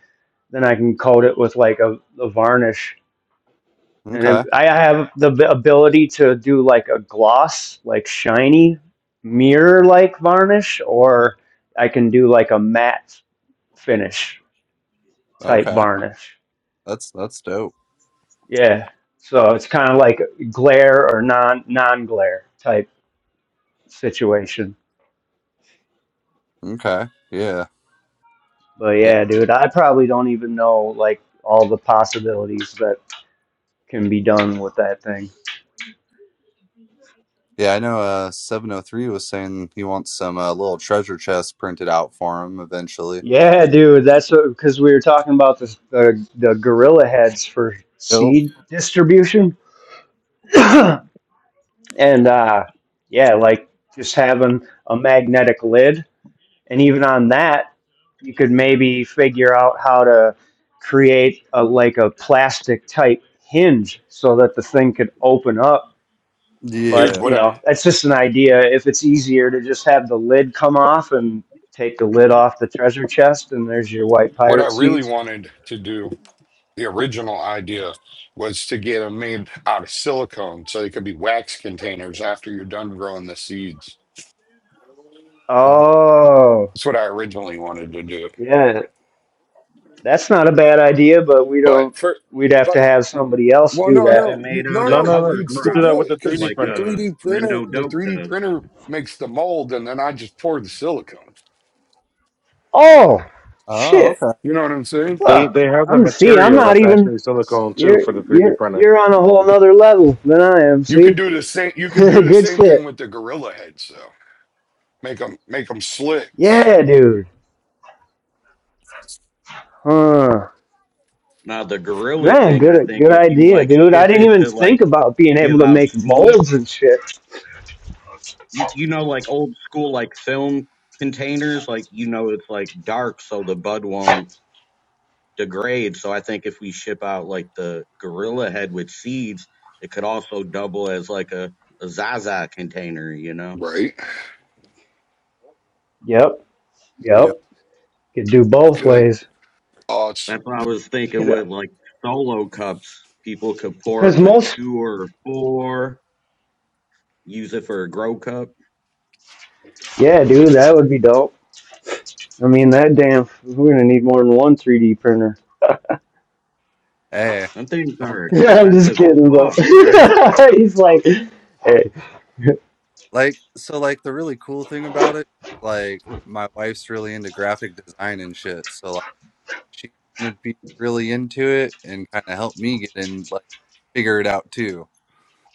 Speaker 1: then i can coat it with like a, a varnish and it,
Speaker 8: Okay.
Speaker 1: i have the ability to do like a gloss like shiny mirror like varnish or i can do like a matte finish type
Speaker 8: Okay.
Speaker 1: varnish
Speaker 8: That's that's dope.
Speaker 1: yeah so it's kind of like glare or non non glare type situation
Speaker 8: Okay. Yeah.
Speaker 1: But
Speaker 8: Yeah.
Speaker 1: yeah, dude, I probably don't even know like all the possibilities that can be done with that thing.
Speaker 8: Yeah, I know uh 703 was saying he wants some uh, little treasure chest printed out for him eventually.
Speaker 1: Yeah, dude, that's what because we were talking about the, the the gorilla heads for
Speaker 8: Yep.
Speaker 1: seed distribution, and uh, yeah, like just having a magnetic lid, and even on that, you could maybe figure out how to create a like a plastic type hinge so that the thing could open up
Speaker 5: dude?
Speaker 1: But
Speaker 8: Yeah.
Speaker 5: What
Speaker 1: you
Speaker 5: I
Speaker 1: know, that's just an idea. If it's easier to just have the lid come off and take the lid off the treasure chest, and there's your white
Speaker 5: what I
Speaker 1: pirate
Speaker 5: really
Speaker 1: seeds.
Speaker 5: wanted to do, the original idea, was to get them made out of silicone so they could be wax containers after you're done growing the seeds.
Speaker 8: Uh,
Speaker 1: Oh,
Speaker 5: That's what I originally wanted to do.
Speaker 1: yeah, that's not a bad idea. But we
Speaker 5: But
Speaker 1: don't.
Speaker 5: for,
Speaker 1: We'd have to
Speaker 5: but
Speaker 1: have somebody else
Speaker 5: well,
Speaker 1: do
Speaker 5: no,
Speaker 7: Have
Speaker 1: that.
Speaker 7: it
Speaker 5: no, you
Speaker 7: made
Speaker 5: no,
Speaker 7: out
Speaker 9: No,
Speaker 7: of
Speaker 5: no,
Speaker 9: no, no.
Speaker 7: cover
Speaker 5: you'd
Speaker 9: You could
Speaker 5: still
Speaker 9: do
Speaker 7: crop
Speaker 9: that
Speaker 5: do
Speaker 9: with
Speaker 5: it
Speaker 9: the
Speaker 5: because
Speaker 9: 3D
Speaker 7: like
Speaker 5: the
Speaker 9: printer.
Speaker 7: a
Speaker 5: 3D printer,
Speaker 7: Mendo
Speaker 5: the
Speaker 7: Dope
Speaker 5: 3D
Speaker 7: does.
Speaker 5: printer makes the mold, and then I just pour the silicone.
Speaker 1: Oh,
Speaker 8: oh,
Speaker 1: shit!
Speaker 8: okay.
Speaker 5: You know what I'm saying?
Speaker 9: They
Speaker 1: fuck!
Speaker 9: they have the
Speaker 1: I'm see. I'm
Speaker 9: material
Speaker 1: not
Speaker 9: that's
Speaker 1: even.
Speaker 9: actually silicone too
Speaker 1: You're
Speaker 9: for the three D
Speaker 1: you're
Speaker 9: printer.
Speaker 1: you're on a whole nother level than I am.
Speaker 5: You could
Speaker 1: See,
Speaker 5: do the same. You could do the
Speaker 1: good
Speaker 5: same thing
Speaker 1: shit.
Speaker 5: with the gorilla heads, though. Make them make them slicks,
Speaker 1: Yeah, dude. Huh.
Speaker 7: Now the gorilla
Speaker 1: Man,
Speaker 7: thing, I
Speaker 1: good
Speaker 7: think,
Speaker 1: good
Speaker 7: if you
Speaker 1: idea,
Speaker 7: like
Speaker 1: dude. I
Speaker 7: ship
Speaker 1: didn't
Speaker 7: it
Speaker 1: even
Speaker 7: to
Speaker 1: think
Speaker 7: like
Speaker 1: about being
Speaker 7: give
Speaker 1: able to
Speaker 7: out
Speaker 1: make
Speaker 7: seeds,
Speaker 1: molds and shit.
Speaker 7: you you know like old school like film containers, like you know it's like dark so the bud won't degrade. So I think if we ship out like the gorilla head with seeds, it could also double as like a, a Zaza container, you know?
Speaker 5: right?
Speaker 1: Yep, yep.
Speaker 8: Yeah.
Speaker 1: Could do both
Speaker 5: Good.
Speaker 1: ways.
Speaker 5: Oh, it's
Speaker 7: That's what I was thinking with
Speaker 1: Because
Speaker 7: like solo cups. People could pour up a
Speaker 1: most,
Speaker 7: two or a four, use it for a grow cup.
Speaker 1: yeah, dude, that would be dope. I mean, that damn, we're gonna need more than one 3D printer.
Speaker 8: Hey,
Speaker 7: Them things
Speaker 8: don't
Speaker 7: are
Speaker 1: I'm just
Speaker 7: expensive as
Speaker 1: kidding, bro.
Speaker 7: fuck, right?
Speaker 1: He's like, hey,
Speaker 8: like so like the really cool thing about it, like my wife's really into graphic design and shit, so like she's gonna be really into it and kind of help me get in like figure it out too.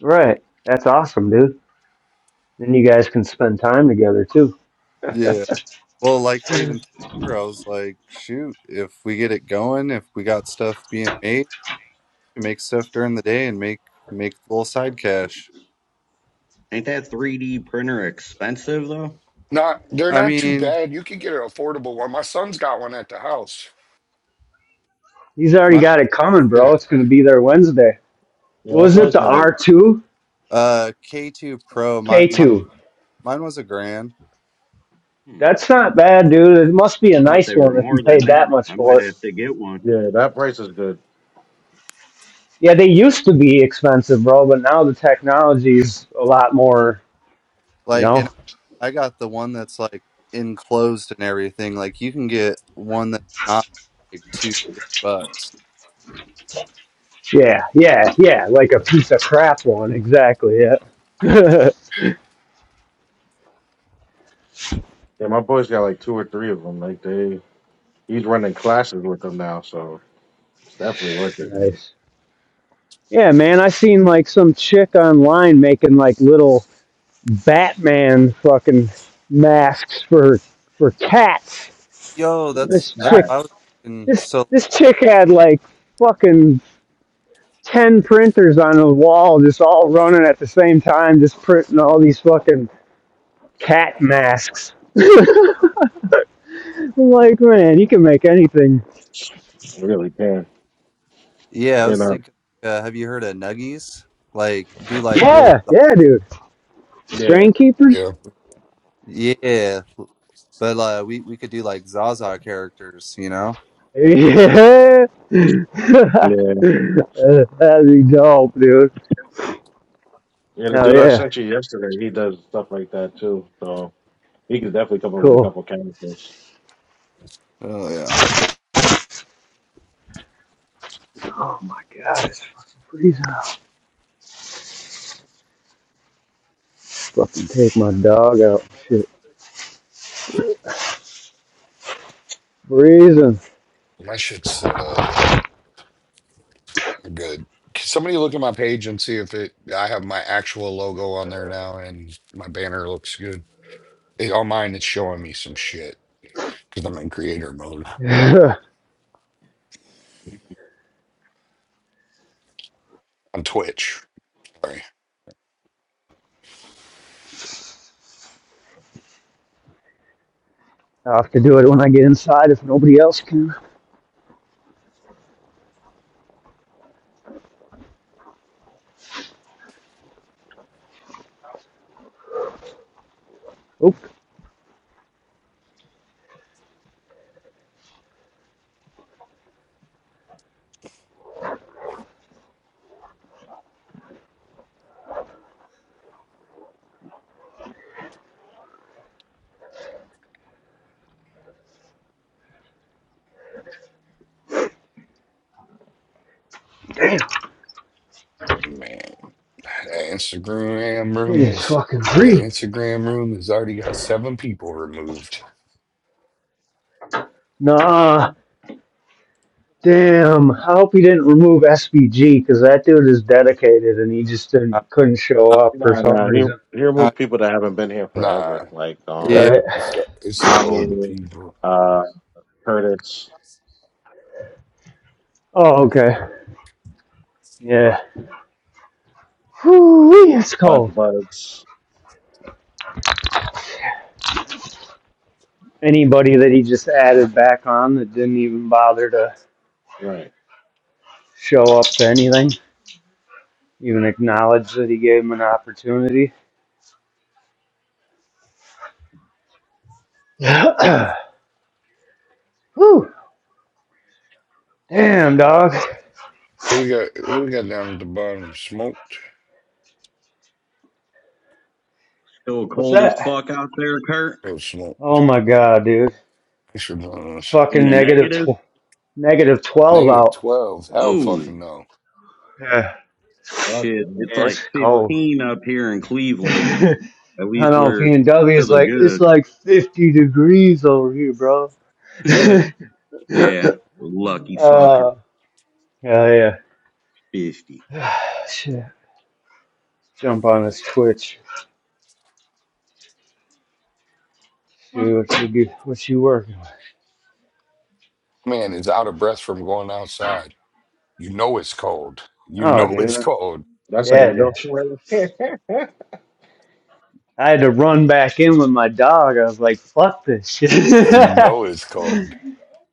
Speaker 1: right. That's awesome, dude. Then you guys can spend time together too.
Speaker 8: Yeah. Well, like I even told her, I was like, shoot, if we get it going, if we got stuff being made, we make stuff during the day and make make a little side cash.
Speaker 7: Ain't that 3D printer expensive though?
Speaker 5: not. They're
Speaker 8: I
Speaker 5: not too
Speaker 8: mean,
Speaker 5: bad. You could get an affordable one. My son's got one at the house.
Speaker 1: He's already
Speaker 8: my,
Speaker 1: got it coming,
Speaker 5: Yeah,
Speaker 1: bro. It's gonna be there Wednesday.
Speaker 9: Yeah, my
Speaker 1: Was
Speaker 8: my
Speaker 1: it
Speaker 9: boy's
Speaker 1: the
Speaker 9: got like,
Speaker 1: R2?
Speaker 8: uh K2 Pro, my, my
Speaker 1: K2.
Speaker 8: mine was a grand.
Speaker 7: Hmm.
Speaker 1: That's not bad, dude. It must be a
Speaker 7: I thought
Speaker 1: nice
Speaker 7: they were
Speaker 1: one if you
Speaker 7: more
Speaker 1: paid
Speaker 7: than
Speaker 1: that
Speaker 7: that.
Speaker 1: much
Speaker 7: I
Speaker 1: for
Speaker 7: might
Speaker 1: it.
Speaker 7: have to get one.
Speaker 9: yeah, that price is good.
Speaker 1: Yeah, they used to be expensive, bro, but now the technology's a lot more, you
Speaker 8: Like, and
Speaker 1: know?
Speaker 8: I got the one that's like enclosed and everything. Like, you can get one that's not like two bucks.
Speaker 1: Yeah, yeah, yeah. Like a piece of crap one. Exactly, yeah.
Speaker 9: Yeah, my boys got like two or three of them. Like they, he's running classes with them now, so it's definitely worth it. Man.
Speaker 1: nice. Yeah, man, I seen like some chick online making like little Batman fucking masks for for cats.
Speaker 8: Yo,
Speaker 9: It's like
Speaker 8: that's
Speaker 1: This
Speaker 8: that's
Speaker 1: chick
Speaker 9: that.
Speaker 8: I was thinking.
Speaker 1: this
Speaker 8: So
Speaker 1: this chick had like fucking ten printers on the wall, just all running at the same time, just printing all these fucking cat masks. I'm like, man, you can make anything.
Speaker 9: It really can.
Speaker 8: yeah, I
Speaker 9: You
Speaker 8: was
Speaker 9: know.
Speaker 8: thinking. Uh, have you heard of Nuggies? Like, do like little.
Speaker 1: Yeah, yeah, dude.
Speaker 9: Yeah.
Speaker 1: Strain keepers?
Speaker 5: yeah.
Speaker 8: Yeah, but uh, we we could do like Zaza characters, you know?
Speaker 1: Yeah.
Speaker 9: Yeah.
Speaker 1: That'd be dope, dude.
Speaker 9: Yeah. The
Speaker 1: Hell
Speaker 9: dude I
Speaker 1: yeah.
Speaker 9: sent you yesterday, he does stuff like that too. So he could definitely come up with a
Speaker 1: Cool.
Speaker 9: couple characters.
Speaker 8: Oh yeah.
Speaker 1: Oh my god, it's fucking freezing. I'll fucking take my dog out. Shit. Freezing.
Speaker 5: My shit's set up good. Can Somebody look at my page and see if it. I have my actual logo on there now, and my banner looks good. It, on mine, it's showing me some shit because I'm in creator mode
Speaker 1: Yeah.
Speaker 5: on Twitch. Sorry,
Speaker 1: I'll have to do it when I get inside if nobody else can. Oh,
Speaker 5: man. The Instagram
Speaker 1: it
Speaker 5: room
Speaker 1: is
Speaker 5: is
Speaker 1: fucking
Speaker 5: the
Speaker 1: freezing.
Speaker 5: Instagram room has already got seven people removed.
Speaker 1: Nah, damn. I hope he didn't remove SBG because that dude is dedicated and he just
Speaker 8: Uh,
Speaker 1: didn't couldn't show
Speaker 8: uh,
Speaker 1: up for
Speaker 9: Nah,
Speaker 1: some
Speaker 9: nah. He
Speaker 1: reason.
Speaker 9: he
Speaker 8: uh,
Speaker 9: removed people that haven't been here
Speaker 5: Nah,
Speaker 9: forever, like
Speaker 8: yeah.
Speaker 9: um
Speaker 1: Right.
Speaker 5: it's the, it's the old
Speaker 9: Ami,
Speaker 5: people.
Speaker 9: uh Curtis,
Speaker 1: Oh, okay. Yeah. Whew, it's
Speaker 9: Buzz
Speaker 1: cold.
Speaker 9: Buzz.
Speaker 1: Anybody that he just added back on that didn't even bother to
Speaker 9: Right.
Speaker 1: show up to anything, even acknowledge that he gave him an opportunity. Whew. Damn, dog.
Speaker 5: Who we got? Who we got down at the bottom? Smoked
Speaker 7: Still
Speaker 1: What's
Speaker 7: cold as
Speaker 1: that?
Speaker 7: fuck out there, Kurt.
Speaker 5: or
Speaker 1: Oh
Speaker 5: smoked?
Speaker 1: my god, dude.
Speaker 5: I should know
Speaker 1: It's
Speaker 5: this.
Speaker 7: In
Speaker 1: fucking
Speaker 7: the
Speaker 1: negative
Speaker 7: negative.
Speaker 1: tw- negative twelve
Speaker 5: Negative
Speaker 1: out.
Speaker 5: twelve. Hell,
Speaker 7: Oh
Speaker 5: fucking no.
Speaker 1: Yeah.
Speaker 9: Fuck
Speaker 7: shit!
Speaker 9: them.
Speaker 7: It's
Speaker 1: Yeah,
Speaker 7: like
Speaker 1: it's cold.
Speaker 7: 15 up here in Cleveland.
Speaker 1: I
Speaker 7: At least
Speaker 1: know
Speaker 7: we're
Speaker 1: P and W
Speaker 7: to
Speaker 1: is like it's
Speaker 7: the
Speaker 1: like fifty degrees over here, bro.
Speaker 7: good. yeah, lucky fucker.
Speaker 1: uh, yeah, yeah.
Speaker 7: 50.
Speaker 1: Shit, jump on this Twitch. See what you get, what you working? with.
Speaker 5: Man is out of breath from going outside. You know it's cold. You
Speaker 1: Oh,
Speaker 5: know it's
Speaker 1: dude,
Speaker 5: cold,
Speaker 9: That's how
Speaker 1: yeah,
Speaker 9: you
Speaker 1: dude.
Speaker 9: know who it is.
Speaker 1: I had to run back in with my dog. I was like, fuck this shit.
Speaker 5: and you know it's cold.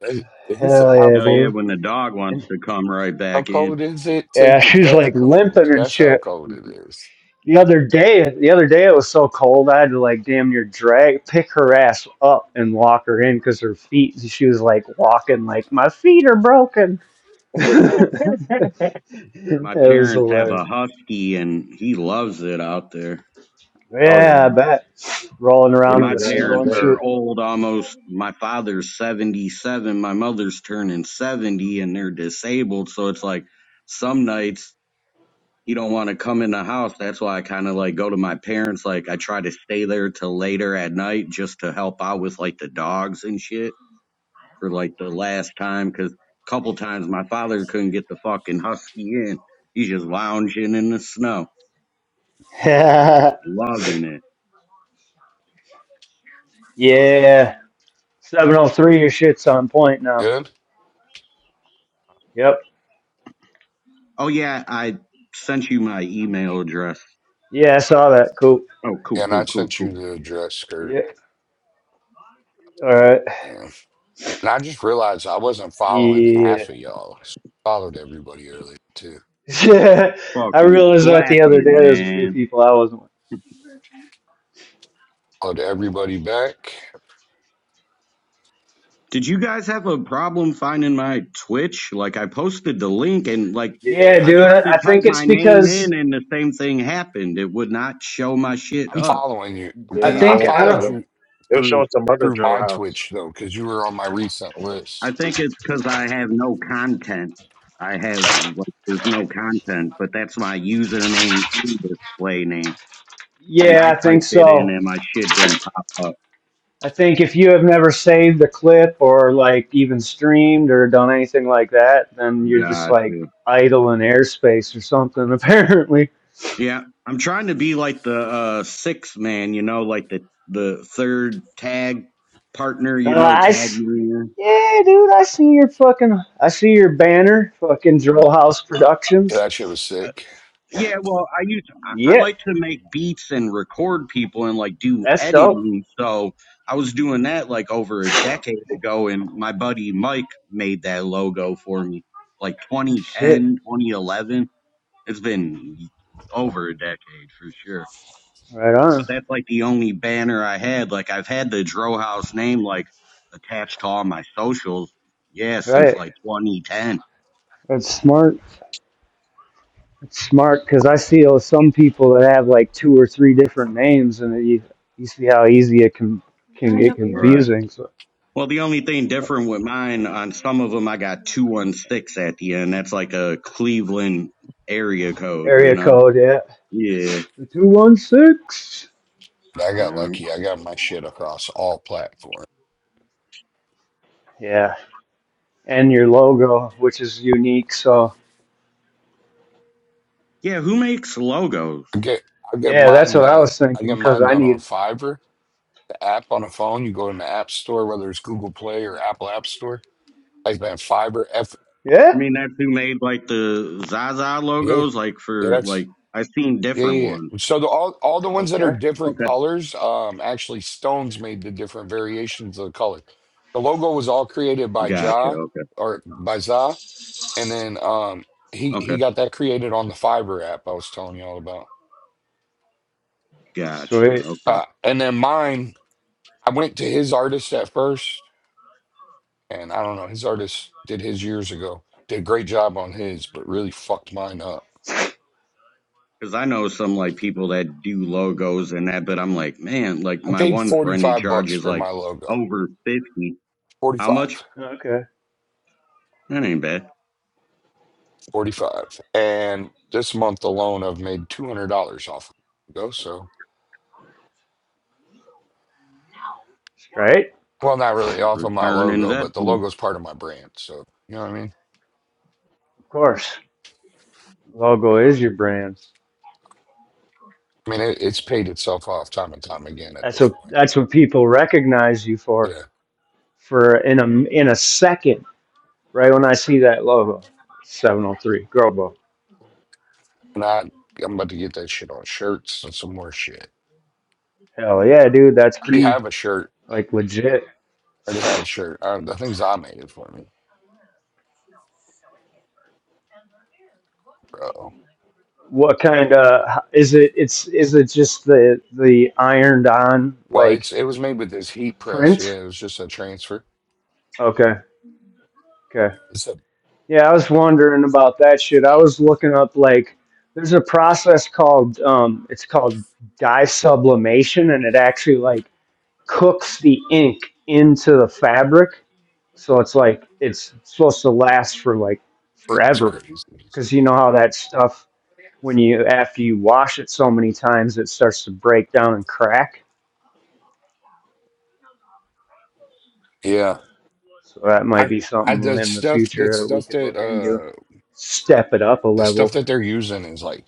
Speaker 5: And He said,
Speaker 1: Hell
Speaker 5: "How
Speaker 1: yeah,
Speaker 7: Oh
Speaker 5: cold?
Speaker 7: yeah,
Speaker 1: dude.
Speaker 7: when the dog wants
Speaker 1: And,
Speaker 7: to come right
Speaker 5: How
Speaker 7: back in.
Speaker 5: cold is it?
Speaker 1: yeah,
Speaker 5: Take your
Speaker 1: she was
Speaker 5: breath
Speaker 1: like
Speaker 5: cold.
Speaker 1: limping and
Speaker 5: That's how
Speaker 1: shit.
Speaker 5: cold it is."
Speaker 1: The other day, the other day it was so cold I had to like damn near drag pick her ass up and walk her in because her feet. She was like walking like my feet are broken. it
Speaker 7: My
Speaker 1: was
Speaker 7: parents have a
Speaker 1: hilarious.
Speaker 7: husky and he loves it out there.
Speaker 9: Oh yeah.
Speaker 1: Yeah, I
Speaker 9: They
Speaker 1: bet rolling
Speaker 7: And
Speaker 1: around
Speaker 9: did
Speaker 1: in
Speaker 7: my
Speaker 1: the
Speaker 9: that in the
Speaker 1: snow
Speaker 7: parents
Speaker 1: and
Speaker 9: day.
Speaker 7: are
Speaker 1: shit.
Speaker 7: old almost. My father's 77, my mother's turning 70 and they're disabled. So it's like some nights he don't want to come in the house. That's why I kind of like go to my parents. Like I try to stay there till later at night just to help out with like the dogs and shit for like the last time. Cause a couple times my father couldn't get the fucking husky in. He's just lounging in the snow,
Speaker 1: yeah,
Speaker 7: loving it.
Speaker 1: yeah. seven oh three. Your shit's on point now.
Speaker 5: Good.
Speaker 1: Yep.
Speaker 7: Oh yeah, I sent you my email address.
Speaker 1: Yeah, I saw that. Cool.
Speaker 7: Oh cool,
Speaker 5: Yeah, And I
Speaker 7: cool, cool,
Speaker 5: sent you
Speaker 7: cool.
Speaker 5: the dress skirt.
Speaker 1: Yeah. All right.
Speaker 5: Yeah. And I just realized I wasn't following
Speaker 1: Yeah.
Speaker 5: half of y'all. I followed everybody earlier too.
Speaker 1: Yeah, I
Speaker 7: Fucking
Speaker 1: realized that the other
Speaker 7: slacking,
Speaker 1: day. There's a few
Speaker 7: man.
Speaker 1: people I wasn't with.
Speaker 5: Followed everybody back.
Speaker 7: Did you guys have a problem finding my Twitch? Like I posted the link and like
Speaker 1: Yeah,
Speaker 9: Yeah,
Speaker 7: I
Speaker 1: dude,
Speaker 7: tried to
Speaker 1: I
Speaker 7: type
Speaker 1: think it's
Speaker 7: my name
Speaker 1: because
Speaker 7: in and the same thing happened. It would not show my shit
Speaker 5: I'm
Speaker 7: up.
Speaker 5: following you.
Speaker 8: Do
Speaker 9: yeah,
Speaker 1: I
Speaker 9: no,
Speaker 8: you,
Speaker 9: I
Speaker 5: I
Speaker 1: think
Speaker 9: won't
Speaker 1: I
Speaker 9: tell
Speaker 5: followed
Speaker 1: don't.
Speaker 9: them.
Speaker 5: you
Speaker 9: They were showing
Speaker 5: through
Speaker 9: some other
Speaker 5: through
Speaker 9: drill
Speaker 5: my
Speaker 9: house.
Speaker 5: Twitch though, because you were on my recent
Speaker 7: I
Speaker 5: list.
Speaker 7: think it's cuz I have no content. I have like there's no content, but that's my username and display name. And I
Speaker 1: Yeah, I think
Speaker 7: typed it in
Speaker 1: so.
Speaker 7: and my shit didn't pop up.
Speaker 1: I think if you have never saved a clip or like even streamed or done anything like that, then you're just like
Speaker 7: Gotcha.
Speaker 1: idle in airspace or something. Apparently,
Speaker 7: Yeah, I'm trying to be like the uh sixth man, you know, like the the third tag partner,
Speaker 1: uh,
Speaker 7: you know,
Speaker 1: I
Speaker 7: tag
Speaker 1: s-
Speaker 7: man.
Speaker 1: yeah, dude, I see your fucking, I see your banner, fucking Drill House
Speaker 5: Yeah,
Speaker 1: Productions.
Speaker 5: that shit was
Speaker 7: Uh,
Speaker 5: sick.
Speaker 7: yeah, well, I used I, I
Speaker 1: Yeah,
Speaker 7: like to make beats and record people and like do
Speaker 1: that's dope.
Speaker 7: editing, so I was doing that like over a decade ago, and my buddy Mike made that logo for me, like
Speaker 1: Shit.
Speaker 7: 2010, 2011. It's been over a decade for sure.
Speaker 1: Right on.
Speaker 7: but that's like the only banner I had. Like I've had the Dro House name like attached to all my socials, yeah, since
Speaker 1: Right.
Speaker 7: like 2010.
Speaker 1: That's smart. It's smart because I see oh, some people that have like two or three different names, and you, you see how easy it can can get
Speaker 7: Right.
Speaker 1: confusing. So
Speaker 7: Well, the only thing different with mine on some of them, I got 216 at the end. That's like a Cleveland area code, you
Speaker 1: area
Speaker 7: know?
Speaker 1: code, yeah,
Speaker 7: Yeah.
Speaker 1: the two one six,
Speaker 5: But I got
Speaker 7: Yeah.
Speaker 5: lucky. I got my shit across all platforms.
Speaker 1: yeah, and your logo, which is unique. So
Speaker 7: Yeah. Who makes logos?
Speaker 5: I get I get
Speaker 1: yeah, that's
Speaker 5: mine
Speaker 1: what I
Speaker 5: done.
Speaker 1: was
Speaker 5: I
Speaker 1: thinking
Speaker 5: get
Speaker 1: because
Speaker 5: mine
Speaker 1: I
Speaker 5: done on
Speaker 1: need.
Speaker 5: Fiverr, the app on a phone. You go in the app store, whether it's Google Play or Apple App Store. I've been Fiverr F
Speaker 7: I
Speaker 1: Yeah.
Speaker 7: mean, that's who made like the Zaza
Speaker 5: yeah.
Speaker 7: logos, like
Speaker 5: Yeah,
Speaker 7: for
Speaker 5: that's
Speaker 7: like, I've seen
Speaker 5: yeah,
Speaker 7: different
Speaker 5: yeah.
Speaker 7: ones.
Speaker 5: yeah. So the, all all the ones that are
Speaker 1: Okay.
Speaker 5: different
Speaker 7: Okay.
Speaker 5: colors, um, actually Stones made the different variations of the color. The logo was all created by
Speaker 7: Gotcha.
Speaker 5: Ja
Speaker 7: Okay.
Speaker 5: or by Za, and then um, he he
Speaker 7: Okay.
Speaker 5: got that created on the Fiverr app I was telling you all about.
Speaker 7: Gotcha.
Speaker 1: Sweet.
Speaker 7: Okay.
Speaker 5: Uh, and then mine, I went to his artist at first, and I don't know, his artist did his years ago, did a great job on his, but really fucked mine up.
Speaker 7: Because I know some like people that do logos and that, but I'm like, man, like
Speaker 5: I
Speaker 7: my
Speaker 5: paid
Speaker 7: one
Speaker 5: forty
Speaker 7: friend, he
Speaker 5: five bucks
Speaker 7: charges
Speaker 5: for
Speaker 7: like
Speaker 5: my logo,
Speaker 7: over fifty.
Speaker 5: forty
Speaker 7: How
Speaker 5: five.
Speaker 7: much?
Speaker 1: Okay.
Speaker 7: That ain't bad.
Speaker 5: 45 and this month alone i've made $200 off of my logo so
Speaker 1: Right.
Speaker 5: well not really off of my
Speaker 7: Return
Speaker 5: logo but the
Speaker 7: investment.
Speaker 5: logo's part of my brand so you know what i mean
Speaker 1: Of course. Logo is your brand.
Speaker 5: i mean it, it's paid itself off time and time again at
Speaker 1: That's
Speaker 5: this
Speaker 1: what
Speaker 5: point
Speaker 1: that's what people recognize you for.
Speaker 5: yeah
Speaker 1: For in a in a second, right when I see that logo, seven hundred three Grobo.
Speaker 5: not i'm about to get that shit on shirts and some more shit
Speaker 1: Hell yeah, dude, that's
Speaker 5: i already
Speaker 1: key.
Speaker 5: have a shirt
Speaker 1: Like legit.
Speaker 5: I already have a shirt I the thing's i made it for me bro
Speaker 1: What kind of is it? It's is it just the the ironed on
Speaker 5: well it's
Speaker 1: like
Speaker 5: it was made with this heat press
Speaker 1: print?
Speaker 5: yeah it was just a transfer
Speaker 1: Okay, okay.
Speaker 5: it's, a,
Speaker 1: Yeah, I was wondering about that shit. I was looking up like there's a process called um it's called dye sublimation, and it actually like cooks the ink into the fabric. So it's like it's supposed to last for like
Speaker 5: it's
Speaker 1: forever
Speaker 5: crazy
Speaker 1: because you know how that stuff when you after you wash it so many times it starts to break down and crack.
Speaker 5: yeah
Speaker 1: So that might
Speaker 5: i
Speaker 1: be
Speaker 5: I,
Speaker 1: something
Speaker 5: the
Speaker 1: in the
Speaker 5: stuff, that
Speaker 1: future that we
Speaker 5: stuff
Speaker 1: could
Speaker 5: that
Speaker 1: look into.
Speaker 5: uh
Speaker 1: Step it up a
Speaker 5: the stuff
Speaker 1: level.
Speaker 5: that they're using is like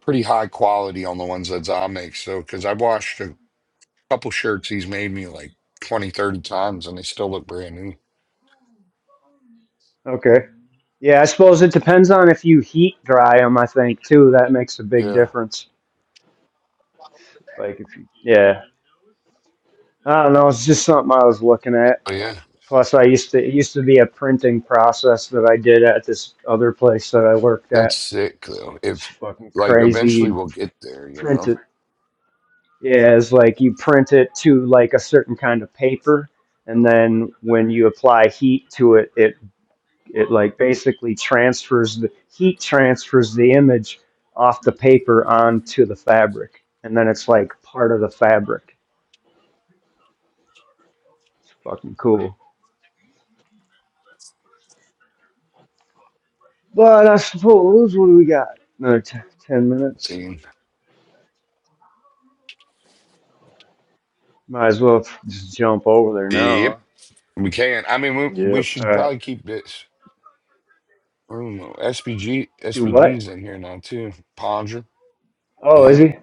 Speaker 5: pretty high quality on the ones that Zom makes. So, because I've washed a couple shirts he's made me like 20, 30 times and they still look brand new.
Speaker 1: Okay. Yeah, I suppose it depends on if you heat dry them. I think too that makes a big
Speaker 5: Yeah.
Speaker 1: difference. Like if you, yeah, I don't know. It's just something I was looking at.
Speaker 5: But yeah,
Speaker 1: Plus, I used to it used to be a printing process that I did at this other place that I worked at.
Speaker 5: that's
Speaker 1: It
Speaker 5: sick though.
Speaker 1: was
Speaker 5: If
Speaker 1: fucking
Speaker 5: like
Speaker 1: crazy.
Speaker 5: eventually
Speaker 1: You
Speaker 5: we'll get there, you
Speaker 1: Print
Speaker 5: know?
Speaker 1: it. Yeah, it's like you print it to like a certain kind of paper, and then when you apply heat to it, it it like basically transfers the heat transfers the image off the paper onto the fabric, and then it's like part of the fabric. It's fucking cool. But I suppose what do we got? Another t- ten minutes.
Speaker 5: Team.
Speaker 1: Might as well just jump over there
Speaker 5: Yep.
Speaker 1: now.
Speaker 5: We can. I mean, we,
Speaker 9: Yeah.
Speaker 5: we
Speaker 1: huh?
Speaker 5: should
Speaker 1: All right.
Speaker 5: probably keep this room. SPG,
Speaker 1: Do what?
Speaker 5: SPG's in here now too. Ponder.
Speaker 1: Oh, is
Speaker 5: Yeah.
Speaker 1: he?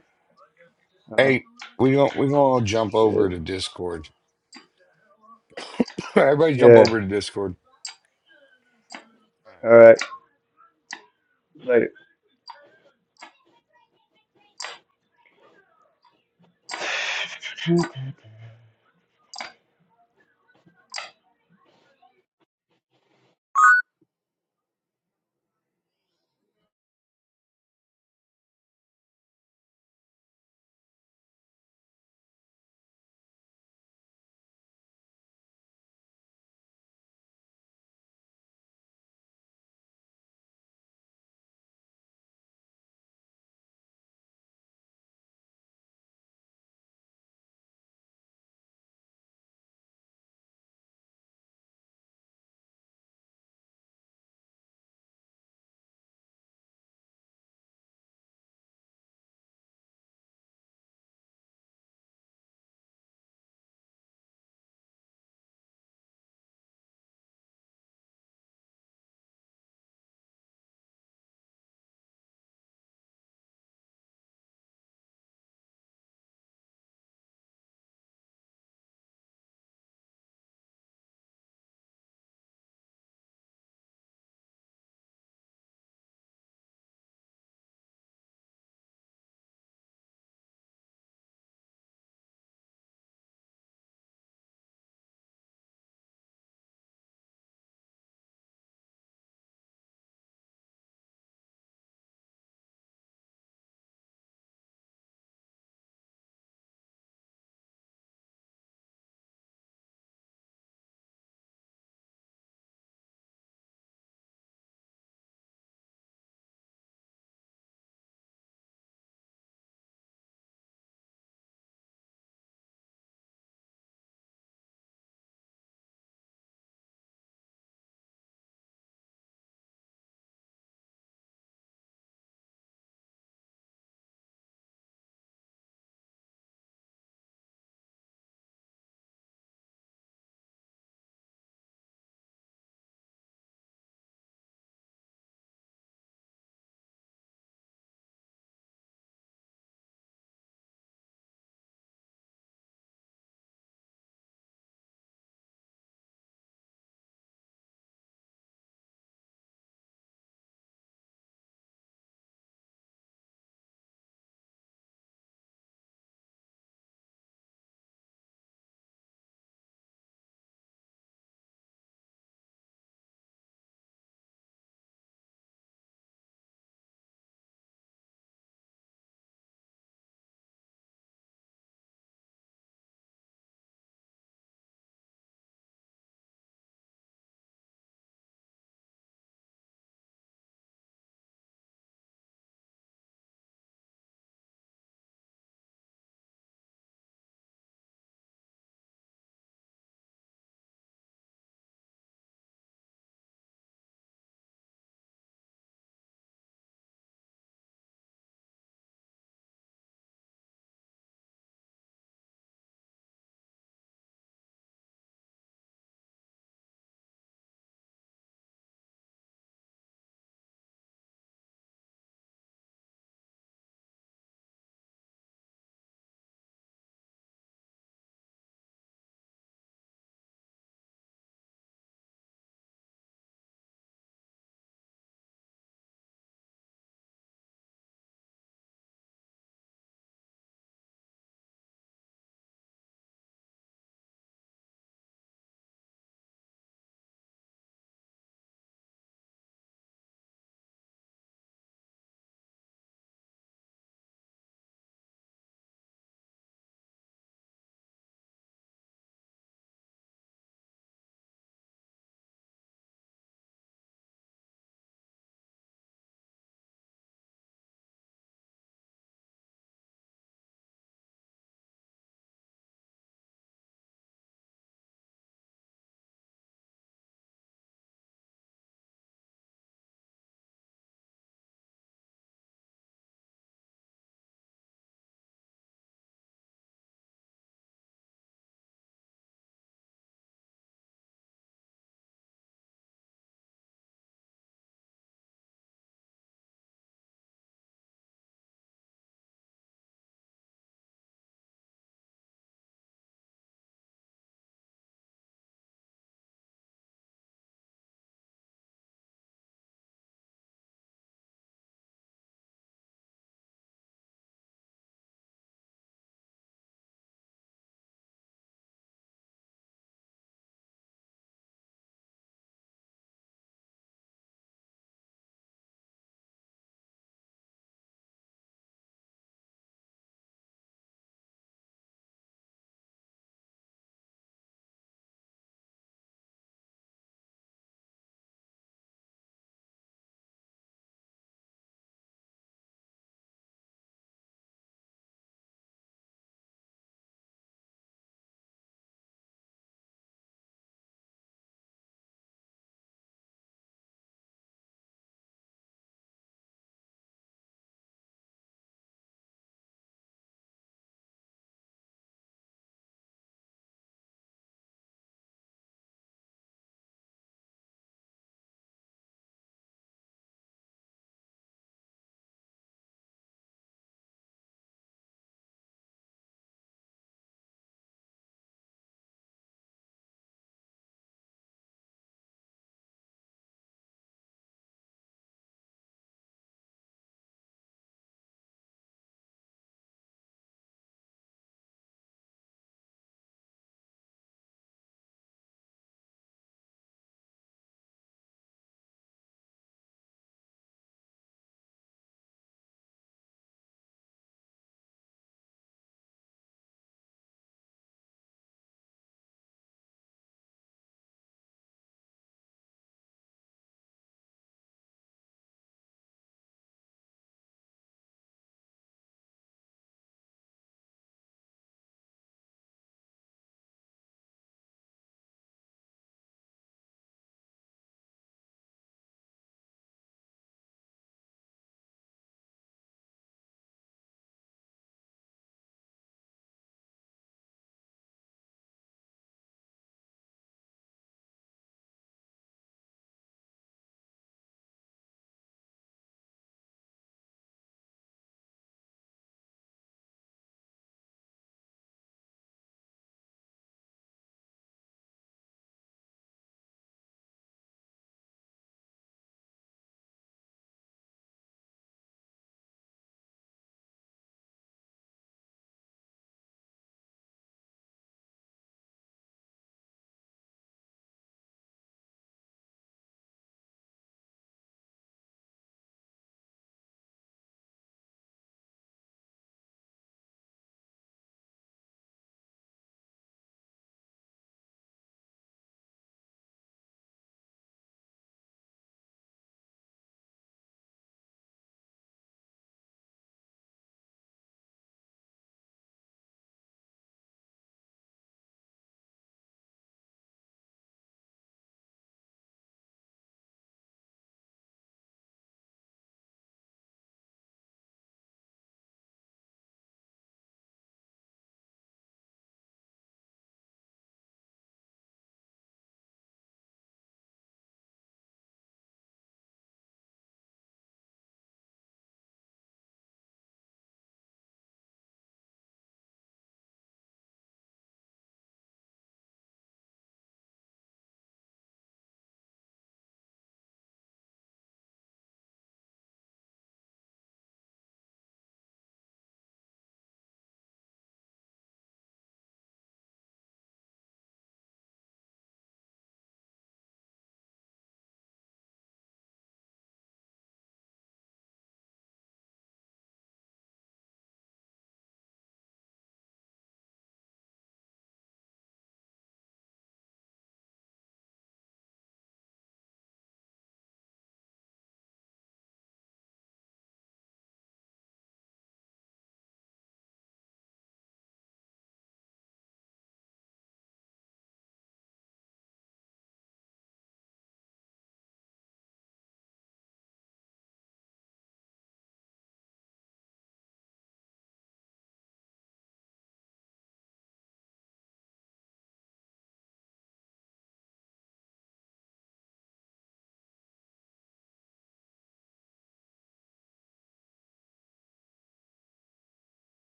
Speaker 1: Oh,
Speaker 5: Hey, we gon' we gonna all jump over
Speaker 1: shit.
Speaker 5: to Discord. Everybody jump
Speaker 1: Yeah.
Speaker 5: over to Discord.
Speaker 1: All right. Later.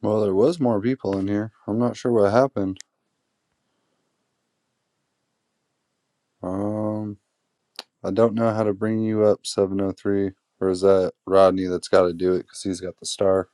Speaker 8: Well, there was more people in here. I'm not sure what happened. Um, I don't know how to bring you up 703, or is that Rodney that's got to do it because he's got the star.